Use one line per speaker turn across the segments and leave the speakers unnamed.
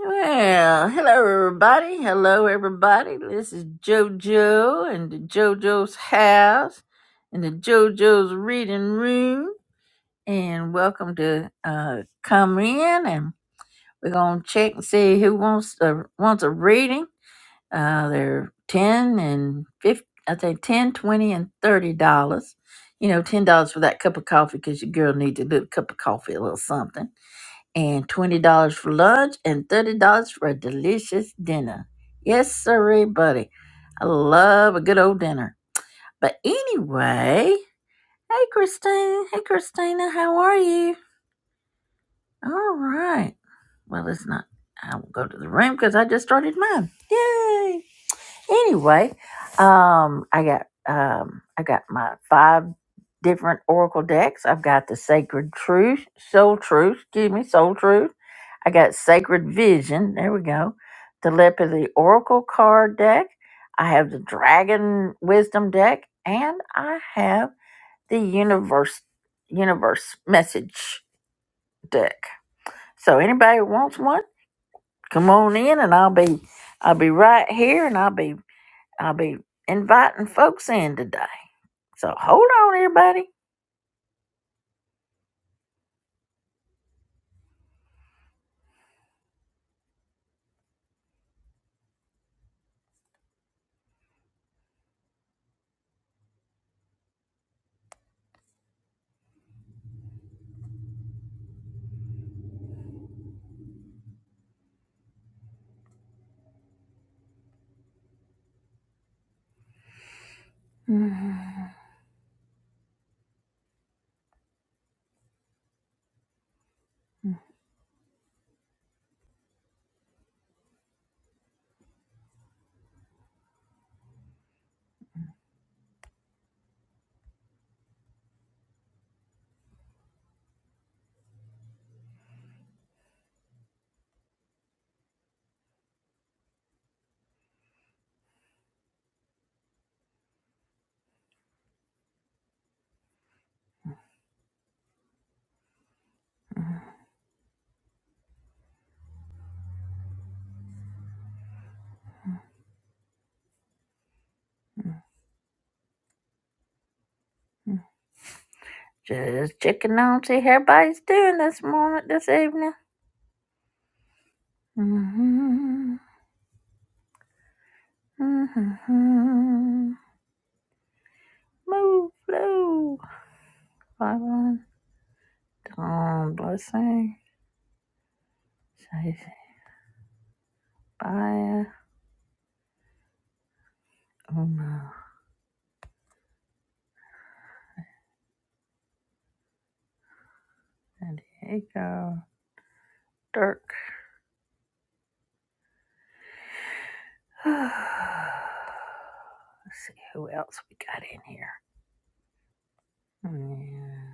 Well, hello everybody. Hello everybody. This is JoJo and the JoJo's house and the JoJo's reading room. And welcome to uh, come in and we're gonna check and see who wants a wants a reading. Uh, they're ten and fifty. I think ten, twenty, and thirty dollars. You know, ten dollars for that cup of coffee because your girl needs a little cup of coffee, a little something and $20 for lunch and $30 for a delicious dinner. Yes, sirree, buddy. I love a good old dinner. But anyway, hey, Christine. Hey, Christina, how are you? All right. Well, it's not. I will go to the room because I just started mine. Yay! Anyway, um, I got um, I got my five different oracle decks. I've got the Sacred Truth, Soul Truth, excuse me, Soul Truth. I got Sacred Vision. There we go. Telepathy Oracle card deck. I have the Dragon Wisdom deck, and I have the Universe Universe Message deck. So anybody who wants one, come on in, and I'll be I'll be right here, and I'll be I'll be inviting folks in today. So hold on, everybody. Mhm. Just checking on, see how everybody's doing this morning, this evening. Mhm. Mhm. Move, flow. Bye, one. Dawn, blessing. Say bye. Uma. San Diego. Dirk. Let's see who else we got in here. Yeah.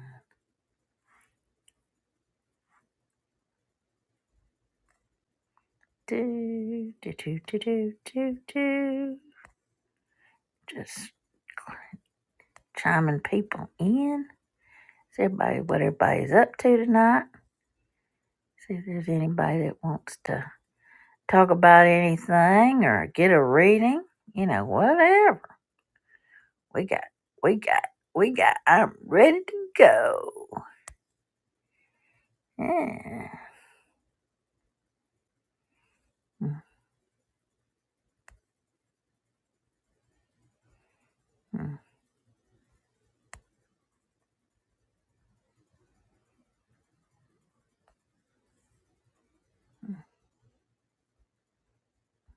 Do, do, do, do, do, do, do. Just chiming people in. See everybody what everybody's up to tonight. See if there's anybody that wants to talk about anything or get a reading. You know, whatever. We got, we got, we got. I'm ready to go. Yeah. Mm,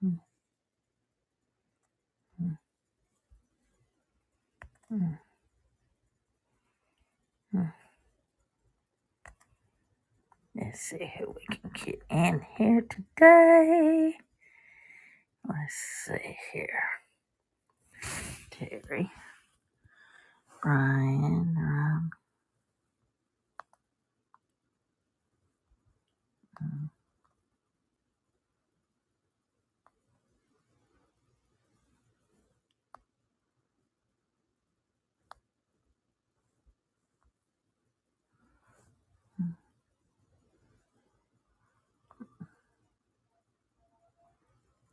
mm, mm, mm, mm, mm. Let's see who we can get in here today. Let's see here, Terry. Brian. Um,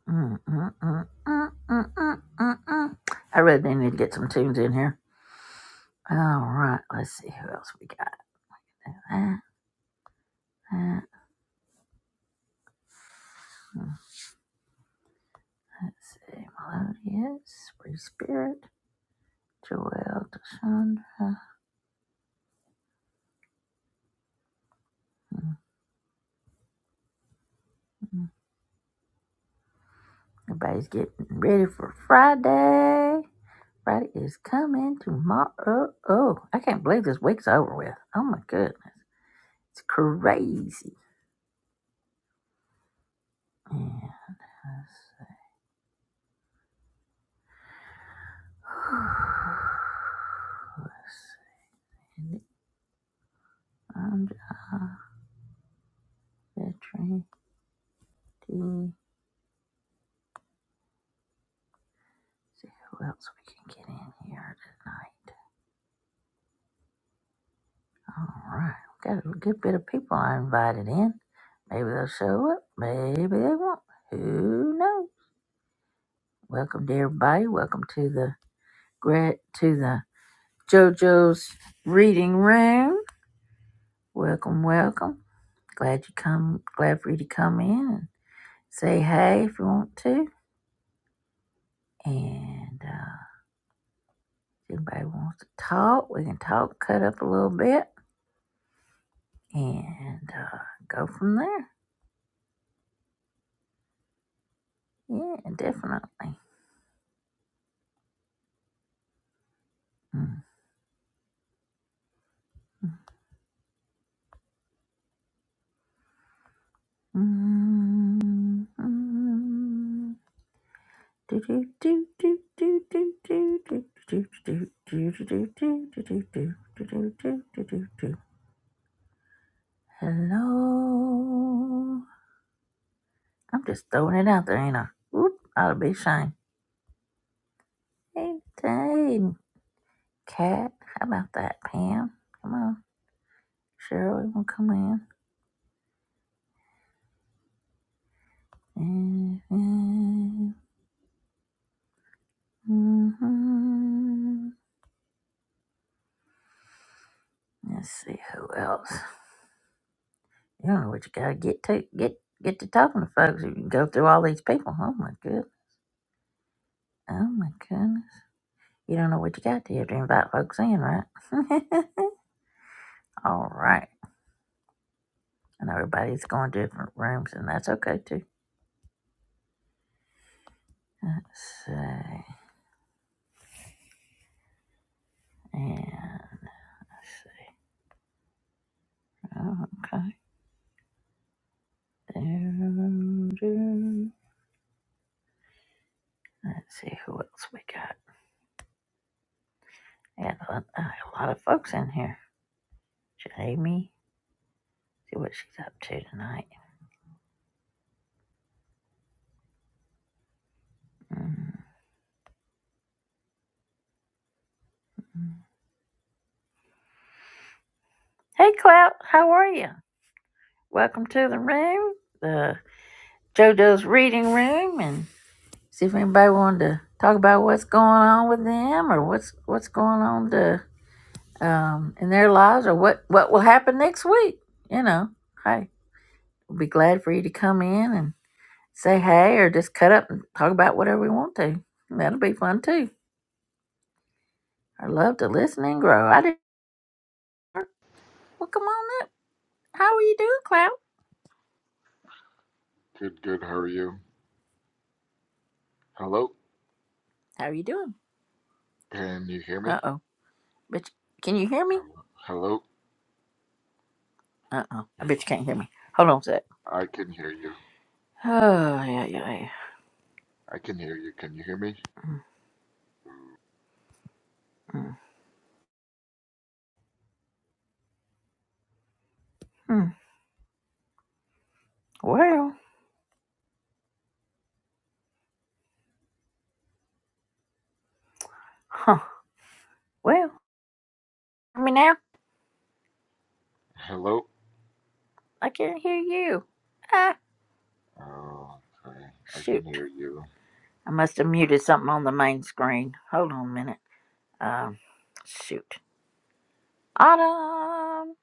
mm, mm, mm, mm, mm, mm, mm, mm. I really do need to get some tunes in here. All right, let's see who else we got. That, that, mm, Let's see, Melodious, Free Spirit, Joelle, Deshandra. Mm, mm. Everybody's getting ready for Friday. Friday is coming tomorrow. Oh, I can't believe this week's over with. Oh my goodness, it's crazy. Yeah. let's Alexandra, veteran D. See who else we can get in here tonight. All right, got a good bit of people I invited in. Maybe they'll show up. Maybe they won't. Who knows? Welcome to everybody. Welcome to the Gret to the JoJo's reading room. Welcome, welcome. Glad you come. Glad for you to come in and say hey if you want to. And. uh, If anybody wants to talk, we can talk, cut up a little bit, and uh, go from there. Yeah, definitely. Mm. Mm, mm. Do, do, do, do, do, do, do, do, do, do, do, do, do, do, do, do, do, do, do, do, do, Hello. I'm just throwing it out there, ain't I? Oop, ought to be shame. Hey, hey, Cat, how about that, Pam? Come on. Cheryl, you want to come in? Mm-hmm. Let's see who else. You know what you gotta get to get get to talking to folks. You can go through all these people. Oh my good. Oh my goodness. You don't know what you got to do to invite folks in, right? all right. And everybody's going to different rooms, and that's okay too. Let's see. Yeah. Let's see. Oh, okay. Dun, dun. Let's see who else we got. Yeah, a lot a lot of folks in here. Jamie. See what she's up to tonight. Mm. Hey, Clout, how are you? Welcome to the room, the JoJo's reading room, and see if anybody wanted to talk about what's going on with them or what's what's going on to um, in their lives or what what will happen next week. You know, hey, we'll be glad for you to come in and say hey or just cut up and talk about whatever we want to. That'll be fun too. I love to listen and grow. I do. Well, come on up. How are you doing, Clout?
Good, good. How are you? Hello?
How are you doing?
Can you hear me?
Uh oh. Bitch, can you hear me?
Um, hello?
Uh oh. I
Yeah,
bet you can't hear me. Hold on a sec.
I can hear you.
Oh, yeah, yeah, yeah.
I can hear you. Can you hear me?
Mm. Hmm. Well, huh. Well, I mean, now
Hello?
I can't hear you. Ah,
Oh, okay. I can
shoot.
hear you.
I must have muted something on the main screen. Hold on a minute. Um, shoot. Autumn,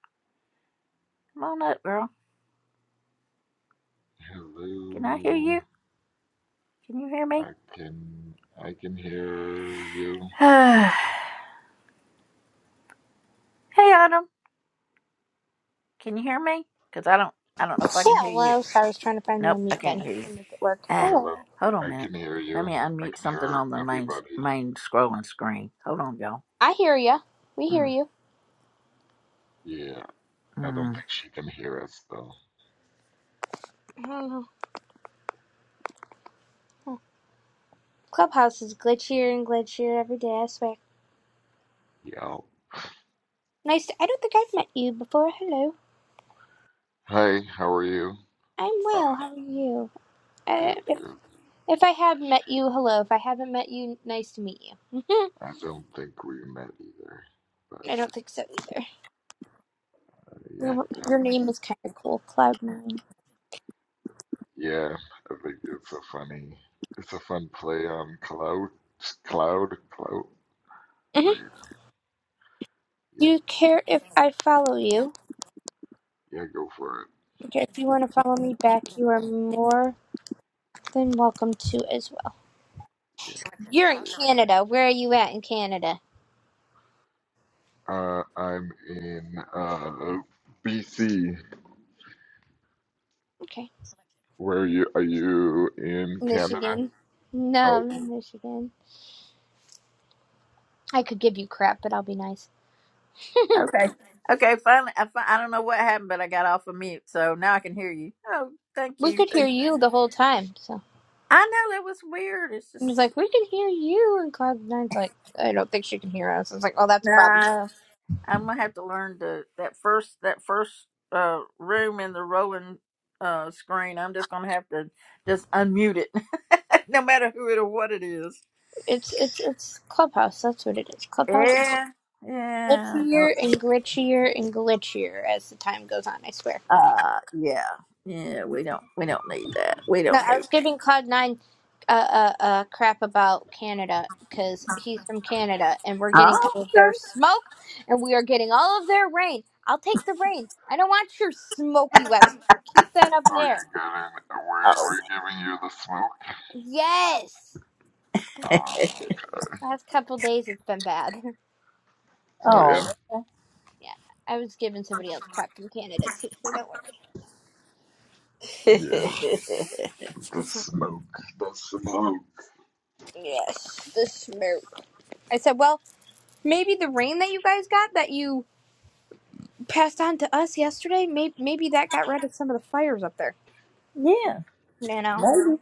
come on up, girl. Can I hear
Hello?
you? Can you hear
I
me?
can I can hear you.
hey, Autumn, can you hear me? Cause I don't, I don't know if
Yeah,
I can hear you.
Hello. Sorry, I was trying to find the
Nope, I
unmute
can't
button
hear you.
and make it work.
Ah,
Hello?
Hello.
hold on a
I
minute.
can hear
Let
you.
me
I
unmute
can
something
hear
on the main
everybody.
main scrolling screen. Hold on, y'all.
I hear ya. We hear
Mm,
you.
Yeah. I don't
mm.
think she can hear us though.
I don't know. Clubhouse is glitchier and glitchier every day, I swear.
Yeah.
Nice to- I don't think I've met you before. Hello.
Hi, how are you?
I'm
Uh,
well. How are you? Uh,
good,
if,
good.
if I have met you, hello. If I haven't met you, nice to meet you.
I don't think we met either. But
I
uh,
don't think so either.
yeah,
Your, your name
how's
is kind of cool, Cloud9.
Yeah, I think it's a funny, it's a fun play on cloud, cloud, cloud.
Do
But yeah,
you
yeah,
care if I follow you?
yeah, go for it.
Okay, If you want to follow me back, you are more than welcome to as well. You're
Yeah,
in
let's see.
Canada. Where are you at in Canada?
Uh, I'm in uh, BC.
Okay.
Where are you? Are you in Canada?
Michigan. No,
Oh,
I'm in Michigan. I could give you crap, but I'll be nice.
Okay. Okay. Finally, I, fi- I don't know what happened, but I got off of mute, so now I can hear you. Oh, thank
We
you.
could hear
Thank you.
you the whole time. So
I know that was weird. It's
he was
just
like, "We can hear you," and Cloud Nine's like, "I don't think she can hear us." I was like, "Oh, that's a problem."
no. I'm gonna have to learn the that first that first uh room in the rolling uh screen. I'm just gonna have to just unmute it, no matter who it or what it is.
It's it's it's Clubhouse. That's what it is. Clubhouse is
Yeah. Yeah.
glitchier and glitchier and glitchier as the time goes on. I swear.
Uh, yeah, yeah. We don't, we don't need that. We
No,
don't
I
need.
was giving Cloud Nine uh, uh, uh, crap about Canada because he's from Canada and we're
That.
getting all of their smoke and we are getting all of their rain. I'll take the rain. I don't want your smoky weather. keep that up
oh, you
there.
got in. We're
Oh,
we're giving you the smoke.
Yes.
okay.
Oh, okay.
Last couple days it's been bad.
Oh yeah,
Oh,
yeah, I was giving somebody else crap from Canada too, so don't worry.
oh.
yeah, the
hmm
smoke, the smoke.
Yes, the smoke. I said, well, maybe the rain that you guys got that you passed on to us yesterday, maybe maybe that got rid of some of the fires up there.
yeah.
you know,
Maybe,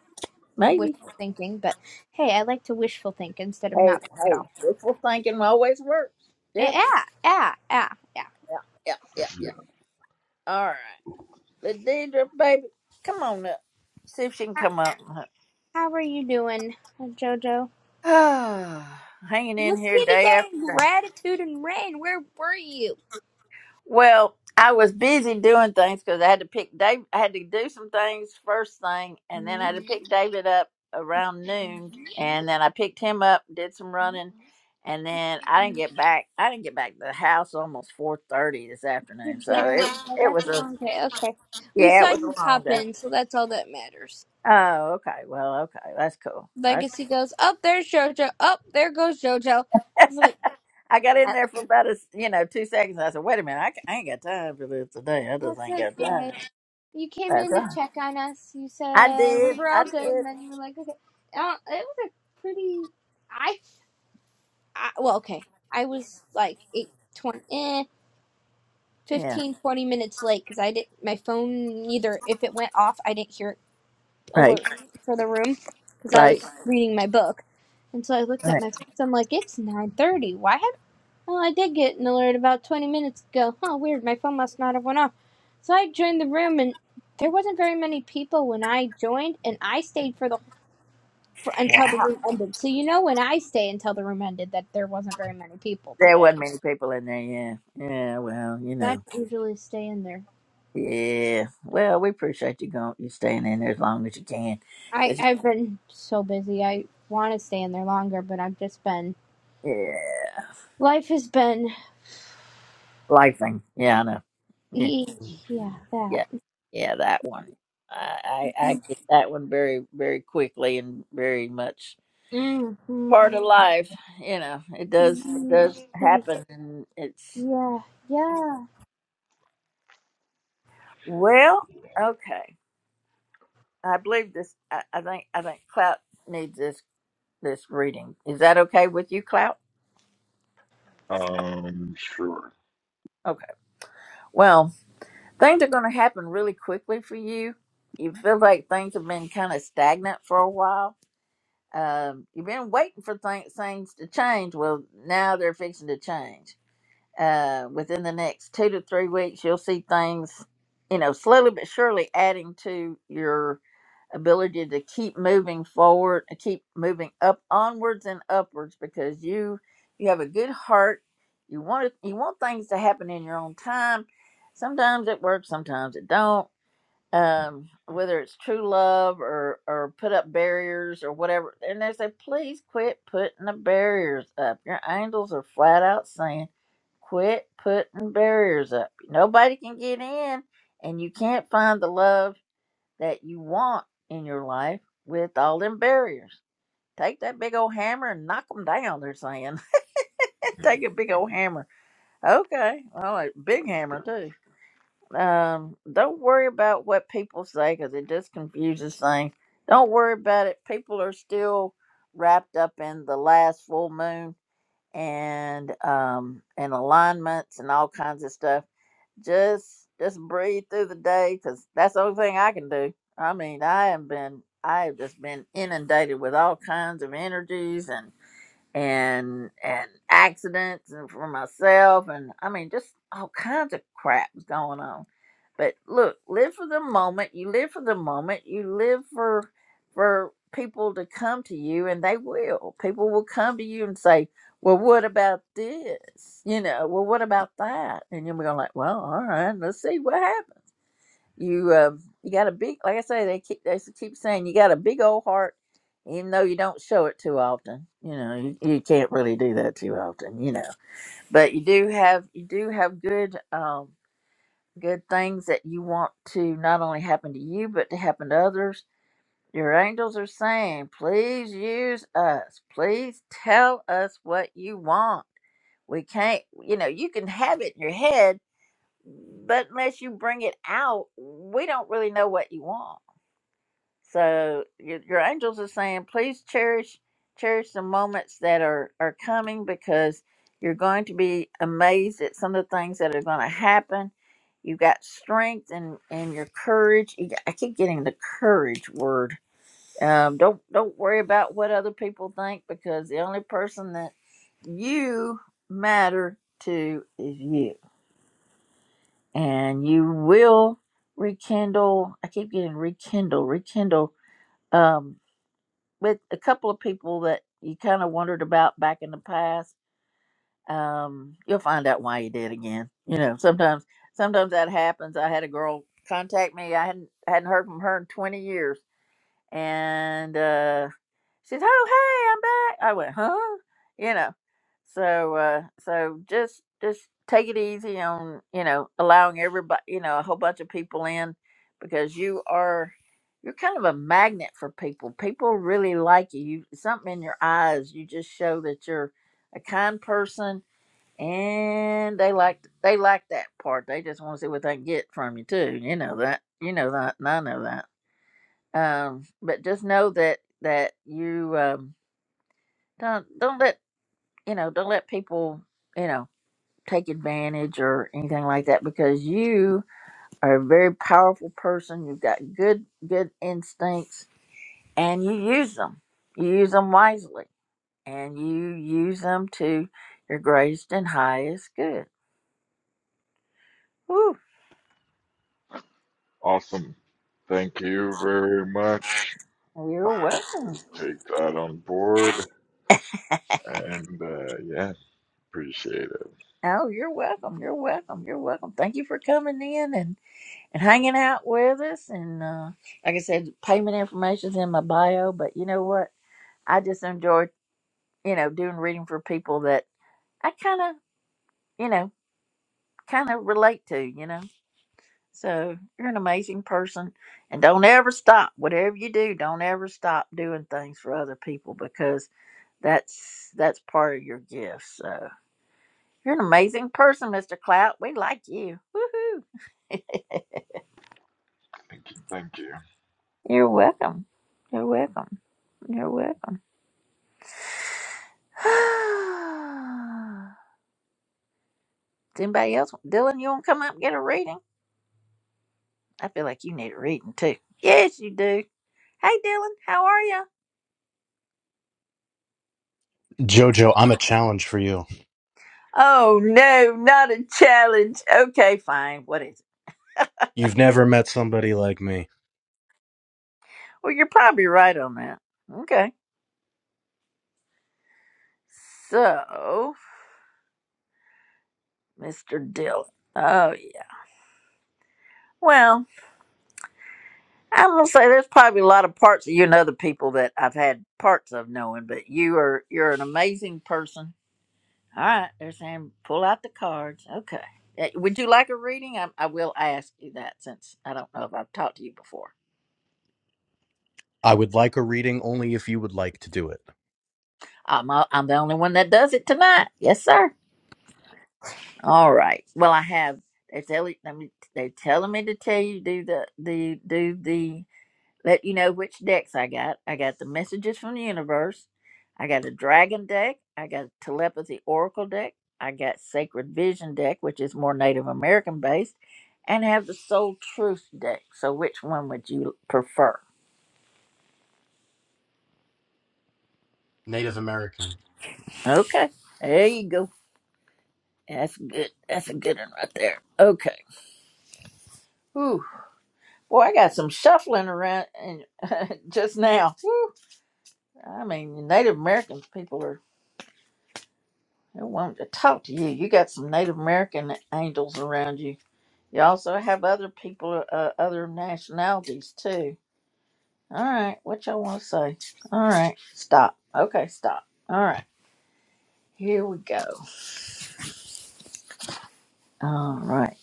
maybe.
wishful thinking, but hey, I like to wishful think instead of
Hey,
not think at
hey.
all.
Wishful thinking always works. Yeah,
Yeah, yeah, yeah, yeah.
yeah, yeah, yeah, yeah.
Yeah.
All right, Ladidra, baby, come on up. See if she can
How
come up.
how are you doing, uh, Jojo?
hanging in
Let's
here
see
day
today
after
in
day.
gratitude and rain. Where were you?
Well, I was busy doing things because I had to pick Dave. I had to do some things first thing, and then
Hmm?
I had to pick David up around noon, and then I picked him up, did some running, and then I didn't get back. I didn't get back to the house almost four thirty this afternoon.
Good
So
day.
it
Yeah,
it
That's
was
a
a
long day. Okay. We
yeah, it
saw
was
you
a long
pop
day.
in, so that's all that matters.
Oh, okay. Well, okay, that's cool. That's
Legacy goes, up there's Jojo. Up there goes Jojo. It's like,
I got in
"Yep,
there for about a s- you know two seconds. I said, wait a minute, I, ca- I ain't got time for this today. I just
that's
ain't got
okay.
time.
you came
That's
in to
right.
check on us. You
I
said we
did.
were
I
all good, and
did.
then you were like, okay. Uh, it was a pretty. I, I well, okay. I was like eight, twenty, eh,
Yeah.
15, twenty minutes late because I didn't. My phone neither. If it went off, I didn't hear it alert
Right,
for the room because I
right,
was reading my book, and so I looked at
right.
my. phone. I'm like, it's nine thirty. Why haven't "Well, I did get an alert about twenty minutes ago. Huh, weird, my phone must not have went off. So I joined the room and there wasn't very many people when I joined and I stayed for the for, until the
Wow.
room ended. So you know when I stay until the room ended that there wasn't very many people
There
today.
wasn't many people in there, yeah. Yeah, well, you
I
know.
don't usually stay in there.
Yeah. Well, we appreciate you going you staying in there as long as you can.
I
'Cause,
I've been so busy. I want to stay in there longer, but I've just been
yeah.
life has been
Life thing. Yeah, I know. Yeah.
ye- yeah,
Mhm.
that.
Yeah. Yeah, that one. I, I I get that one very very quickly and very much
Mm, mm,
part of life. You know, it does it
mm,
does
mm,
happen and it's
Yeah, yeah.
well, okay. I believe this I, I think I think Clout needs this this reading. Is that okay with you, Clout?
Um, sure.
Okay. Well, things are going to happen really quickly for you. You feel like things have been kind of stagnant for a while. Um, you've been waiting for things, things to change. Well, now they're fixing to change. Uh, within the next two to three weeks, you'll see things, you know, slowly but surely adding to your ability to keep moving forward and keep moving up onwards and upwards because you you have a good heart you want it, you want things to happen in your own time sometimes it works sometimes it don't um whether it's true love or or put up barriers or whatever and they say please quit putting the barriers up your angels are flat out saying quit putting barriers up nobody can get in and you can't find the love that you want in your life with all them barriers. Take that big old hammer and knock them down, they're saying.
Mhm.
Take a big old hammer. Okay. Well, a big
Let's go.
hammer, too. Um, don't worry about what people say because it just confuses things. Don't worry about it. People are still wrapped up in the last full moon and um and alignments and all kinds of stuff just just breathe through the day because that's the only thing i can do i mean i have been i have just been inundated with all kinds of energies and and accidents and for myself and I mean just all kinds of crap was going on. But look, live for the moment. You live for the moment. You live for for people to come to you and they will. People will come to you and say, Well what about this? You know, well what about that? And you'll be going like, Well, all right, let's see what happens you uh, you got a big, like I say, they keep they s- keep saying you got a big old heart, even though you don't show it too often. You know, you, you can't really do that too often. You know, but you do have you do have good um good things that you want to not only happen to you but to happen to others. Your angels are saying, please use us. Please tell us what you want. We can't, you know, you can have it in your head, but unless you bring it out, we don't really know what you want so your, your angels are saying, please cherish cherish the moments that are are coming because you're going to be amazed at some of the things that are going to happen. You got strength and and your courage. You got, I keep getting the courage word. Um, don't don't worry about what other people think because the only person that you matter to is you, and you will rekindle. I keep getting rekindle, rekindle. Um, with a couple of people that you kind of wondered about back in the past. Um, you'll find out why you did again. You know, sometimes sometimes that happens. I had a girl contact me. I hadn't hadn't heard from her in twenty years, and uh, She's, oh, hey, I'm back. I went, huh? You know, so, uh, so just, just take it easy on, you know, allowing everybody, you know, a whole bunch of people in because you are, you're kind of a magnet for people. People really like you. you something in your eyes, you just show that you're a kind person and they like, they like that part. They just want to see what they can get from you too. You know that, you know that, and I know that. Um, but just know that, that you, um, don't don't let you know don't let people you know take advantage or anything like that because you are a very powerful person you've got good good instincts and you use them you use them wisely and you use them to your greatest and highest good Woo.
Awesome. Thank you very much.
Well, You're welcome.
We'll take that on board. And uh, yeah, appreciate it.
Oh, you're welcome. You're welcome. You're welcome. Thank you for coming in and, and hanging out with us. And uh, like I said, payment information's in my bio, but you know what? I just enjoy you know, doing reading for people that I kind of, you know, kind of relate to, you know. So you're an amazing person. And don't ever stop. Whatever you do, don't ever stop doing things for other people because that's that's part of your gift. So you're an amazing person, Mr. Clout. We like you. Woohoo.
Thank you. Thank you.
You're welcome. You're welcome. You're welcome. Does anybody else? Dylan, you want to come up and get a reading? I feel like you need a reading too. Yes, you do. Hey, Dylan, how are you?
Jojo, I'm a challenge for you.
Oh, no, not a challenge. Okay, fine. What is it?
You've never met somebody like me.
Well, you're probably right on that. Okay. So, Mr. Dylan. Oh, yeah. well, I'm going to say there's probably a lot of parts of you and other people that I've had parts of knowing, but you are, you're an amazing person. All right. They're saying pull out the cards. Okay. Eh, Would you like a reading? I, I will ask you that since I don't know if I've talked to you before.
I would like a reading only if you would like to do it.
I'm, uh, I'm the only one that does it tonight. Yes, sir. All right. Well, I have. They tell you- let me. They telling me to tell you do the the do the let you know which decks I got. I got the messages from the universe. I got a dragon deck. I got a telepathy oracle deck. I got sacred vision deck, which is more Native American based, and I have the soul truth deck. So, which one would you prefer?
Native American.
Okay, there you go. That's good. That's a good one right there. Okay. Whew. Boy, I got some shuffling around and just now. Whew. I mean, Native American people are they want to talk to you. You got some Native American angels around you. You also have other people, uh, other nationalities too. All right, what y'all want to say? All right, stop. Okay, stop. All right, here we go. All right,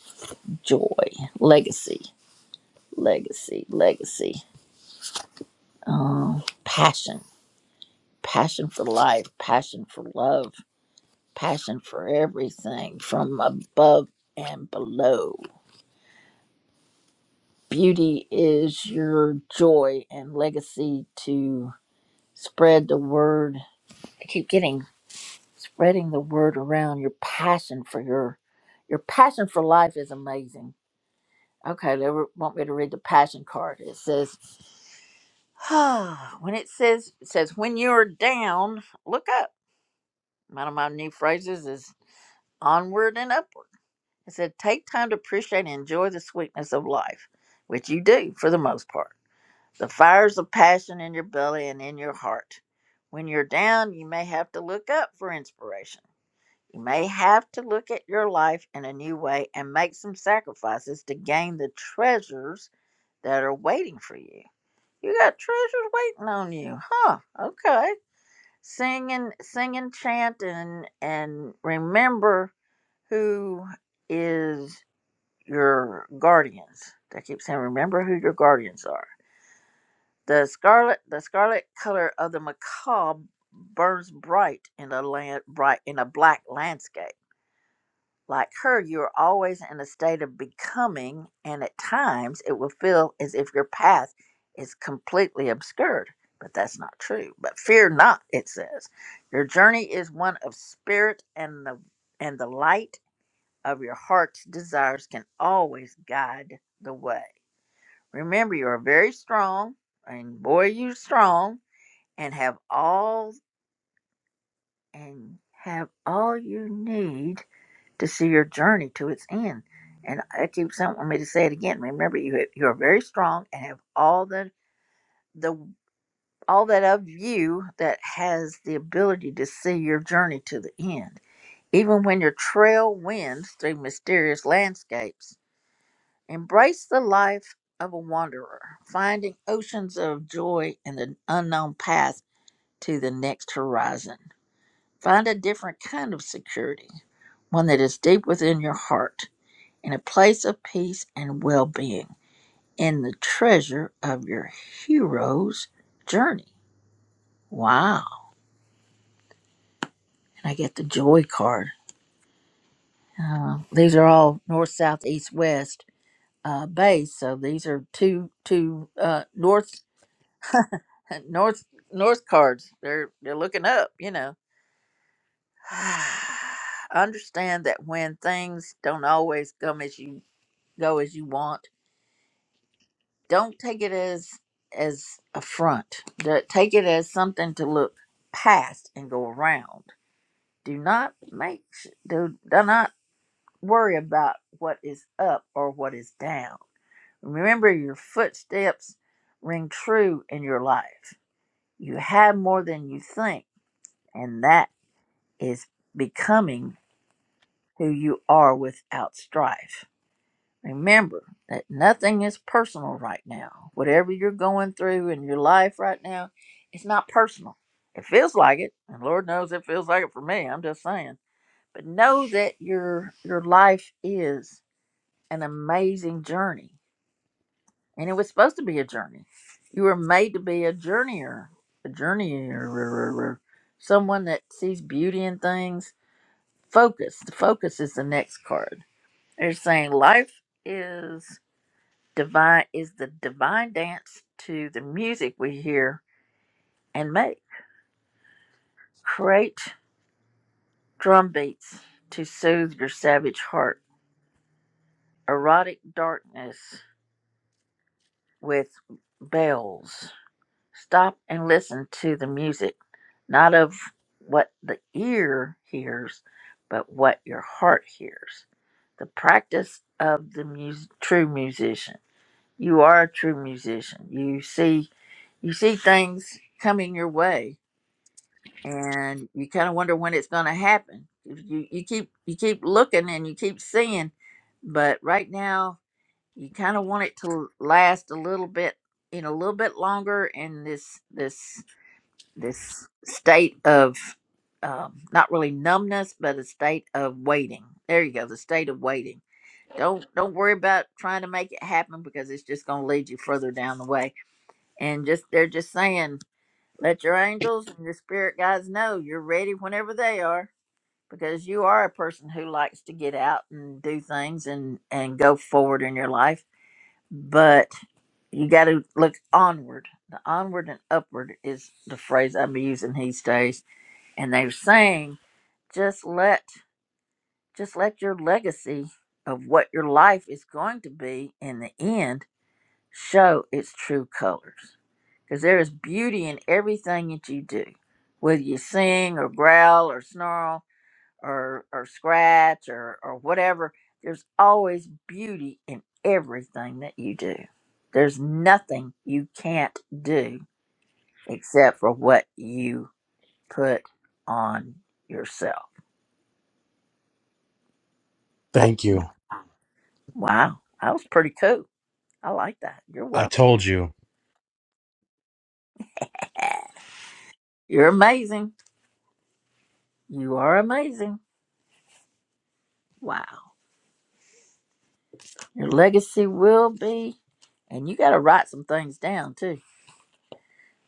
joy, legacy, legacy, legacy. Um, passion, passion for life, passion for love passion for everything from above and below. Beauty is your joy and legacy to spread the word. I keep getting spreading the word around your passion for your your passion for life is amazing. Okay, they were- want me to read the passion card. It says, when it says it says when you're down, look up. One of my new phrases is onward and upward. It said, take time to appreciate and enjoy the sweetness of life, which you do for the most part. The fires of passion in your belly and in your heart. When you're down, you may have to look up for inspiration. You may have to look at your life in a new way and make some sacrifices to gain the treasures that are waiting for you. You got treasures waiting on you, huh? Okay. Sing and sing and chant and and remember who is your guardians. I keep saying, remember who your guardians are. The scarlet, the scarlet color of the macaw burns bright in a land, bright in a black landscape. Like her, you are always in a state of becoming, and at times it will feel as if your path is completely obscured. But that's not true. But fear not, it says, your journey is one of spirit, and the and the light of your heart's desires can always guide the way. Remember, you are very strong, and boy, you strong, and have all and have all you need to see your journey to its end. And I keep saying, want me to say it again. Remember, you you are very strong and have all the the all that of you that has the ability to see your journey to the end, even when your trail winds through mysterious landscapes Embrace the life of a wanderer, finding oceans of joy in the unknown path to the next horizon. Find a different kind of security, one that is deep within your heart, in a place of peace and well being, in the treasure of your hero's journey. Wow. And I get the joy card. Uh, these are all north, south, east, west uh, base. So these are two, two uh, north North North cards, they're they're looking up, you know. Understand that when things don't always come as you go as you want, don't take it as as a front. Da- Take it as something to look past and go around. Do not make s- do, do not worry about what is up or what is down. Remember your footsteps ring true in your life. You have more than you think and that. is becoming who you are without strife. Remember that nothing is personal right now. Whatever you're going through in your life right now, it's not personal. It feels like it, and Lord knows it feels like it for me. I'm just saying. But know that your your life is an amazing journey. And it was supposed to be a journey. You were made to be a journeyer, a journeyer, someone that sees beauty in things focus the focus is the next card they're saying life is divine is the divine dance to the music we hear and make create drum beats to soothe your savage heart erotic darkness with bells stop and listen to the music not of what the ear hears but what your heart hears the practice of the mus- true musician you are a true musician. You see you see things coming your way and you kind of wonder when it's going to happen. You you keep you keep looking and you keep seeing, but right now you kind of want it to last a little bit, you know, a little bit longer in this this this state of um, not really numbness, but a state of waiting. There you go, the state of waiting. Don't don't worry about trying to make it happen because it's just going to lead you further down the way and just they're just saying let your angels and your spirit guides know you're ready whenever they are because you are a person who likes to get out and do things and and go forward in your life but you got to look onward the onward and upward is the phrase i'm using these days and they're saying just let just let your legacy of what your life is going to be in the end show its true colors because there is beauty in everything that you do, whether you sing or growl or snarl or or scratch or or whatever. There's always beauty in everything that you do. There's nothing you can't do except for what you put on yourself.
Thank you.
Wow, that was pretty cool. I like that. You're
I
welcome.
told you.
You're amazing. You are amazing. Wow. Your legacy will be, and you got to write some things down too.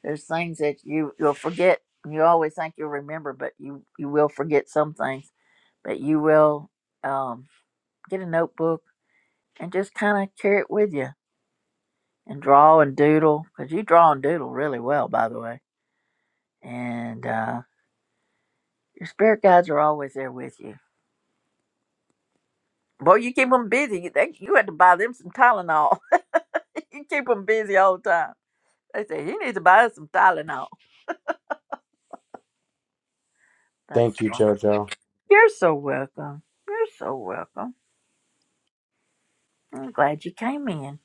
There's things that you you'll forget. You always think you'll remember, but you you will forget some things. But you will um, get a notebook and just kind of carry it with you and draw and doodle because you draw and doodle really well, by the way. And uh, your spirit guides are always there with you. Boy, you keep them busy. They, you had to buy them some Tylenol. you keep them busy all the time. They say you need to buy us some Tylenol. That's
Thank you,
fine.
Jojo.
You're so welcome. You're so welcome. I'm glad you came in.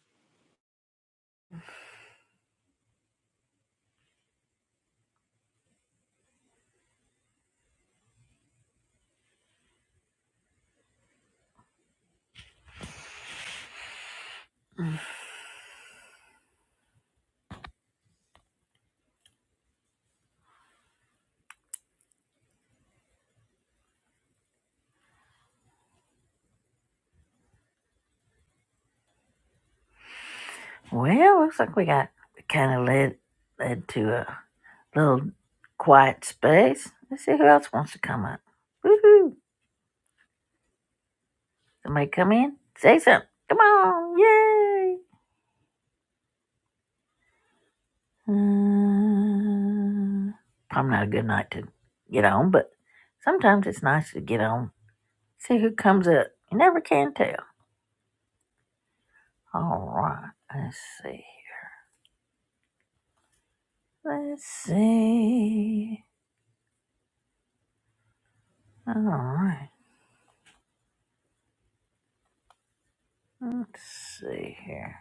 Well, looks like we got kind of led led to a little quiet space. Let's see who else wants to come up. Woohoo! Somebody come in, say something. Come on, yay! Uh, probably not a good night to get on, but sometimes it's nice to get on. See who comes up. You never can tell. All right, let's see. Let's see. All right. Let's see here.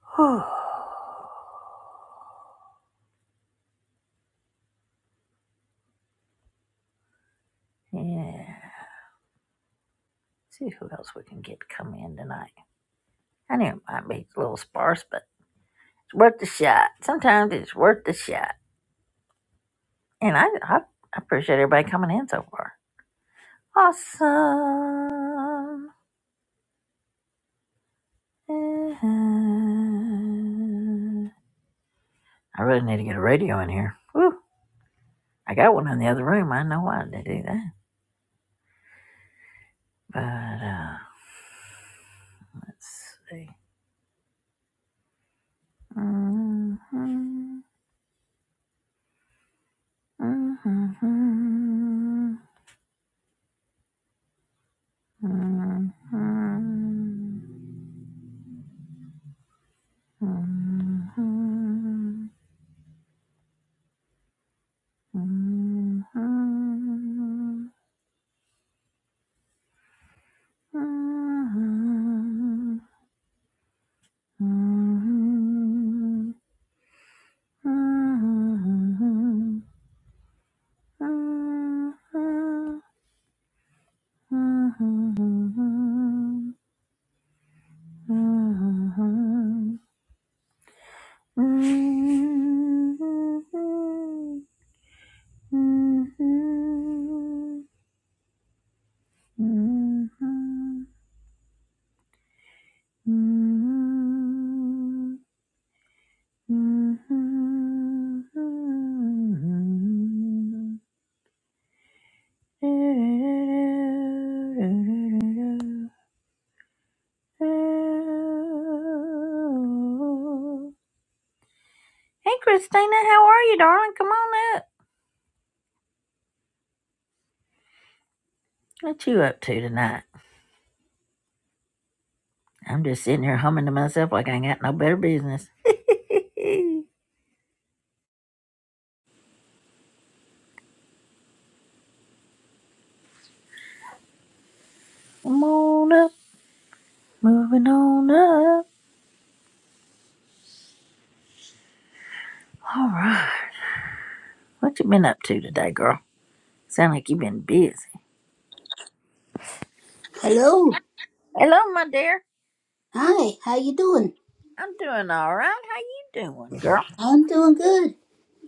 Whew. Yeah. See who else we can get to come in tonight. I know it might be a little sparse, but it's worth the shot. Sometimes it's worth the shot. And I, I I appreciate everybody coming in so far. Awesome. Mhm. I really need to get a radio in here. Woo. I got one in the other room. I know why I did do that. But, uh, let's see. Mm-hmm, mm-hmm, mm-hmm, mm-hmm. Hey, Christina, how are you, darling? Come on up. What you up to tonight? I'm just sitting here humming to myself like I ain't got no better business. Come on up, moving on All right. What you been up to today, girl? Sound like you been busy.
Hello.
Hello, my dear.
Hi. How you doing?
I'm doing all right. How you doing, girl?
I'm doing good.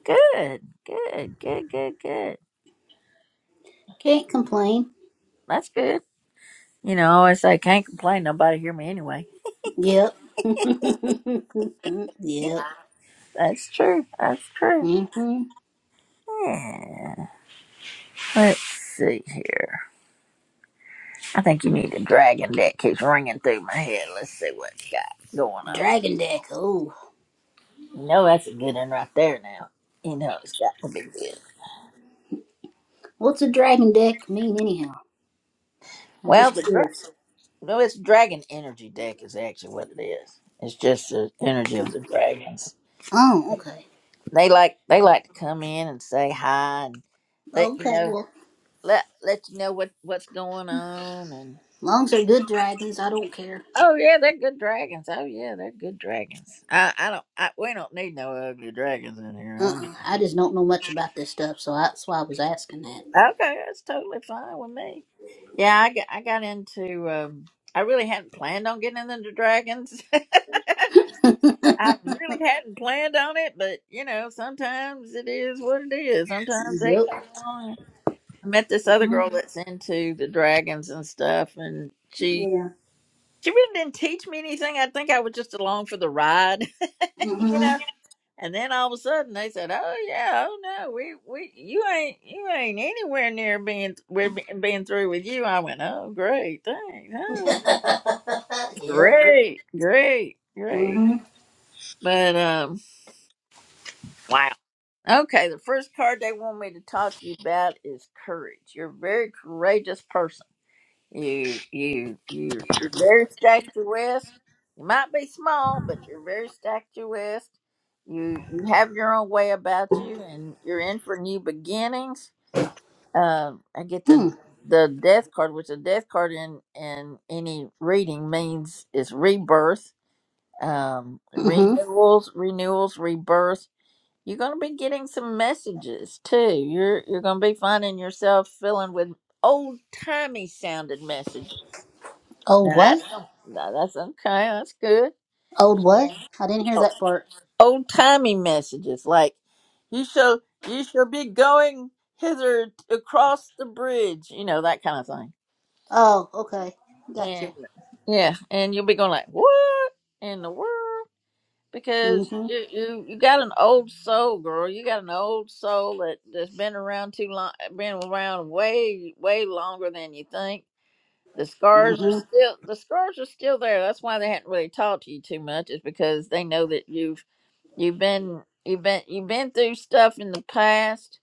Good, good, good, good, good.
Can't complain.
That's good. You know, I always say, can't complain. Nobody hear me anyway.
Yep. yep.
That's true. That's true.
hmm
Yeah. Let's see here. I think you need a dragon that keeps ringing through my head. Let's see what's got going
A
on.
dragon deck. Oh.
You know, that's a good one right there now. You know, it's got to be good.
What's a dragon deck mean anyhow? I'm
Well, the,
just
dra-
curious.
No, it's dragon energy deck is actually what it is. It's just the energy of the dragons.
Oh, okay.
They like they like to come in and say hi and let you
Okay,
know
well,
let let you know what what's going on and
Longs are good dragons, I don't care.
oh yeah they're good dragons oh yeah they're good dragons I I don't I, we don't need no ugly dragons in here
Uh-uh.
huh?
I just don't know much about this stuff, so that's why I was asking
okay that's totally fine with me yeah I got I got into um I really hadn't planned on getting into dragons I really
that.
hadn't planned on it, but you know, sometimes it is what it is. Sometimes they
yep.
come along. I met this other
hmm
girl that's into the dragons and stuff, and she
Yeah.
she really didn't teach me anything. I think I was just along for the ride, you
hmm
know. And then all of a sudden they said, "Oh yeah, oh no, we we you ain't you ain't anywhere near being we're be- being through with you." I went, "Oh great, thanks, oh,
yep.
great, great, great."
hmm
But um, Okay, the first card they want me to talk to you about is courage. You're a very courageous person. You you you you're very statuesque. You might be small, but you're very statuesque. You you have your own way about you, and you're in for new beginnings. Uh, I get
Hmm.
the the death card, which the death card in in any reading means is rebirth, um,
hmm
renewals, renewals, rebirth you're gonna be getting some messages too. You're you're gonna be finding yourself filling with old timey sounding messages.
Oh,
Now
what?
that's gonna- now that's okay. That's good.
Old what?
Yeah.
I didn't hear that part.
Old timey messages like you shall you shall be going hither across the bridge. You know that kind of thing.
Oh, okay. Gotcha.
And yeah, and you'll be going like what in the world? because
Mm-hmm.
you, you you got an old soul, girl. You got an old soul that that's been around too long, been around way way longer than you think. The scars are
Mm-hmm.
still the scars are still there. That's why they hadn't really talked to you too much. Is because they know that you've you've been you've been you've been through stuff in the past,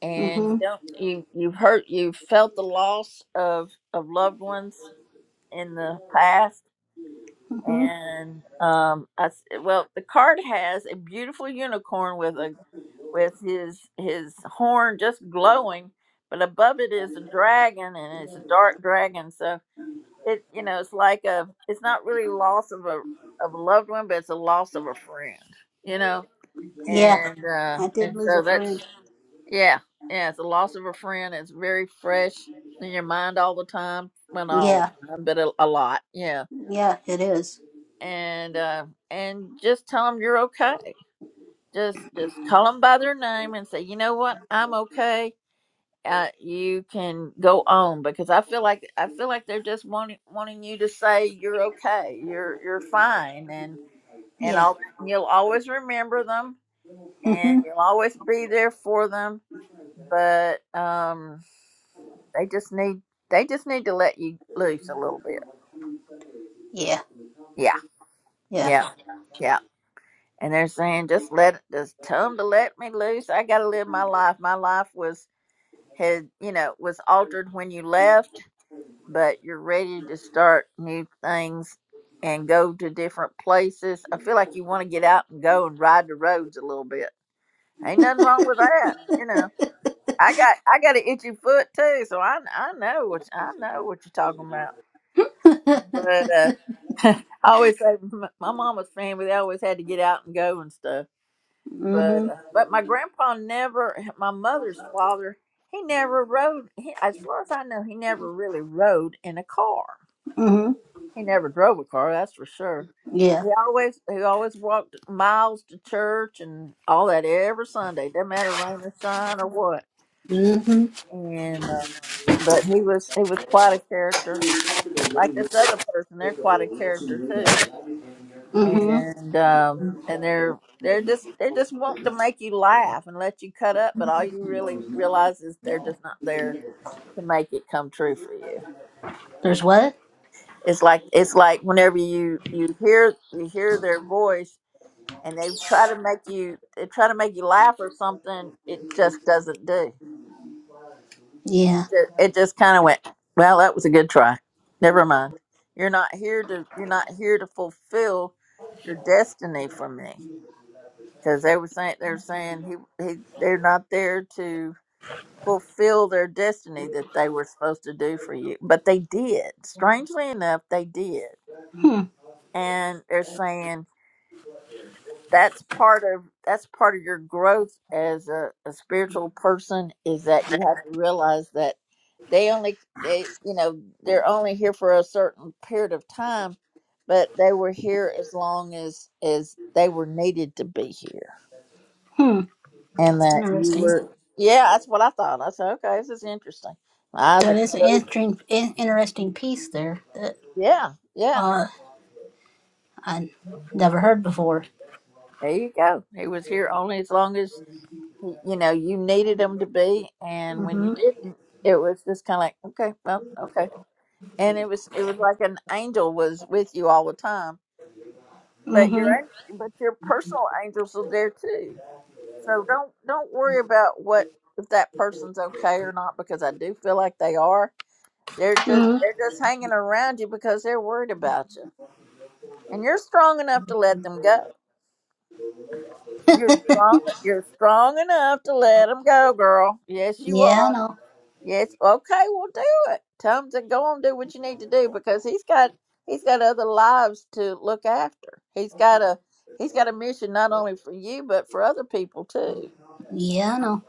and
Mm-hmm.
you don't you you've hurt you've felt the loss of of loved ones in the past
Mm-hmm.
and um, I s well, the card has a beautiful unicorn with a with his his horn just glowing, but above it is a dragon, and it's a dark dragon. So it you know it's like a it's not really loss of a of a loved one, but it's a loss of a friend. You know,
Yeah,
and uh,
I did
and
lose a
so that's
friend.
yeah yeah it's a loss of a friend. It's very fresh in your mind all the time. Well, not all the
Yeah,
time, but a, a lot. yeah
yeah, it is.
and uh, and just tell them you're okay. Just just call them by their name and say, you know what, I'm okay. Uh, you can go on because I feel like I feel like they're just wanting wanting you to say you're okay, you're you're fine, and and
Yeah.
all that. You'll always remember them, and
Mm-hmm.
you'll always be there for them. But um, they just need they just need to let you loose a little bit.
Yeah.
Yeah,
Yeah.
yeah, yeah. and they're saying just let just tell them to let me loose i gotta live my life my life was had you know was altered when you left but you're ready to start new things and go to different places i feel like you want to get out and go and ride the roads a little bit ain't nothing wrong with that you know i got i got an itchy foot too so i i know what i know what you're talking about but uh I always say my my mama's family, they always had to get out and go and stuff But
Mm-hmm.
uh, but my grandpa never, my mother's father, he never rode. He, as far as I know, he never really rode in a car.
Mm-hmm.
He never drove a car, that's for sure. But
Yeah.
he always he always walked miles to church and all that every Sunday. Doesn't matter rain or shine or what.
Mm-hmm.
And uh, but he was he was quite a character. Like this other person, they're quite a character too.
Mm-hmm.
and um and they're they're just they're just wanting to make you laugh and let you cut up but all you really realize is they're just not there to make it come true for you
There's what?
it's like it's like whenever you you hear you hear their voice and they try to make you they try to make you laugh or something it just doesn't do
Yeah.
it just kind of went well that was a good try never mind you're not here to you're not here to fulfill your destiny for me because they were saying they're saying he he they're not there to fulfill their destiny that they were supposed to do for you, but they did. Strangely enough, they did,
Hmm.
and they're saying that's part of that's part of your growth as a, a spiritual person is that you have to realize that they only they you know they're only here for a certain period of time but they were here as long as as they were needed to be here
Hmm.
and
That's
that you
interesting.
were yeah that's what i thought i said okay this is interesting my eyes
That
are
is an
closed
interesting, in- interesting piece there that
yeah yeah
uh I never heard before.
there you go he was here only as long as y- you know you needed him to be and when you
Mm-hmm.
didn't it was just kind of like okay well okay and it was it was like an angel was with you all the time but
Mm-hmm.
your an- but your personal angels are there too so don't don't worry about what if that person's okay or not because i do feel like they are They're just
hmm
they're just hanging around you because they're worried about you, and you're strong enough to let them go. You're strong. You're strong enough to let them go, girl. Yes, you
Yeah, I
are.
know.
Yes. Okay. Well, do it. Tell them to go and do what you need to do because he's got he's got other lives to look after. He's got a he's got a mission not only for you but for other people too.
Yeah, I know.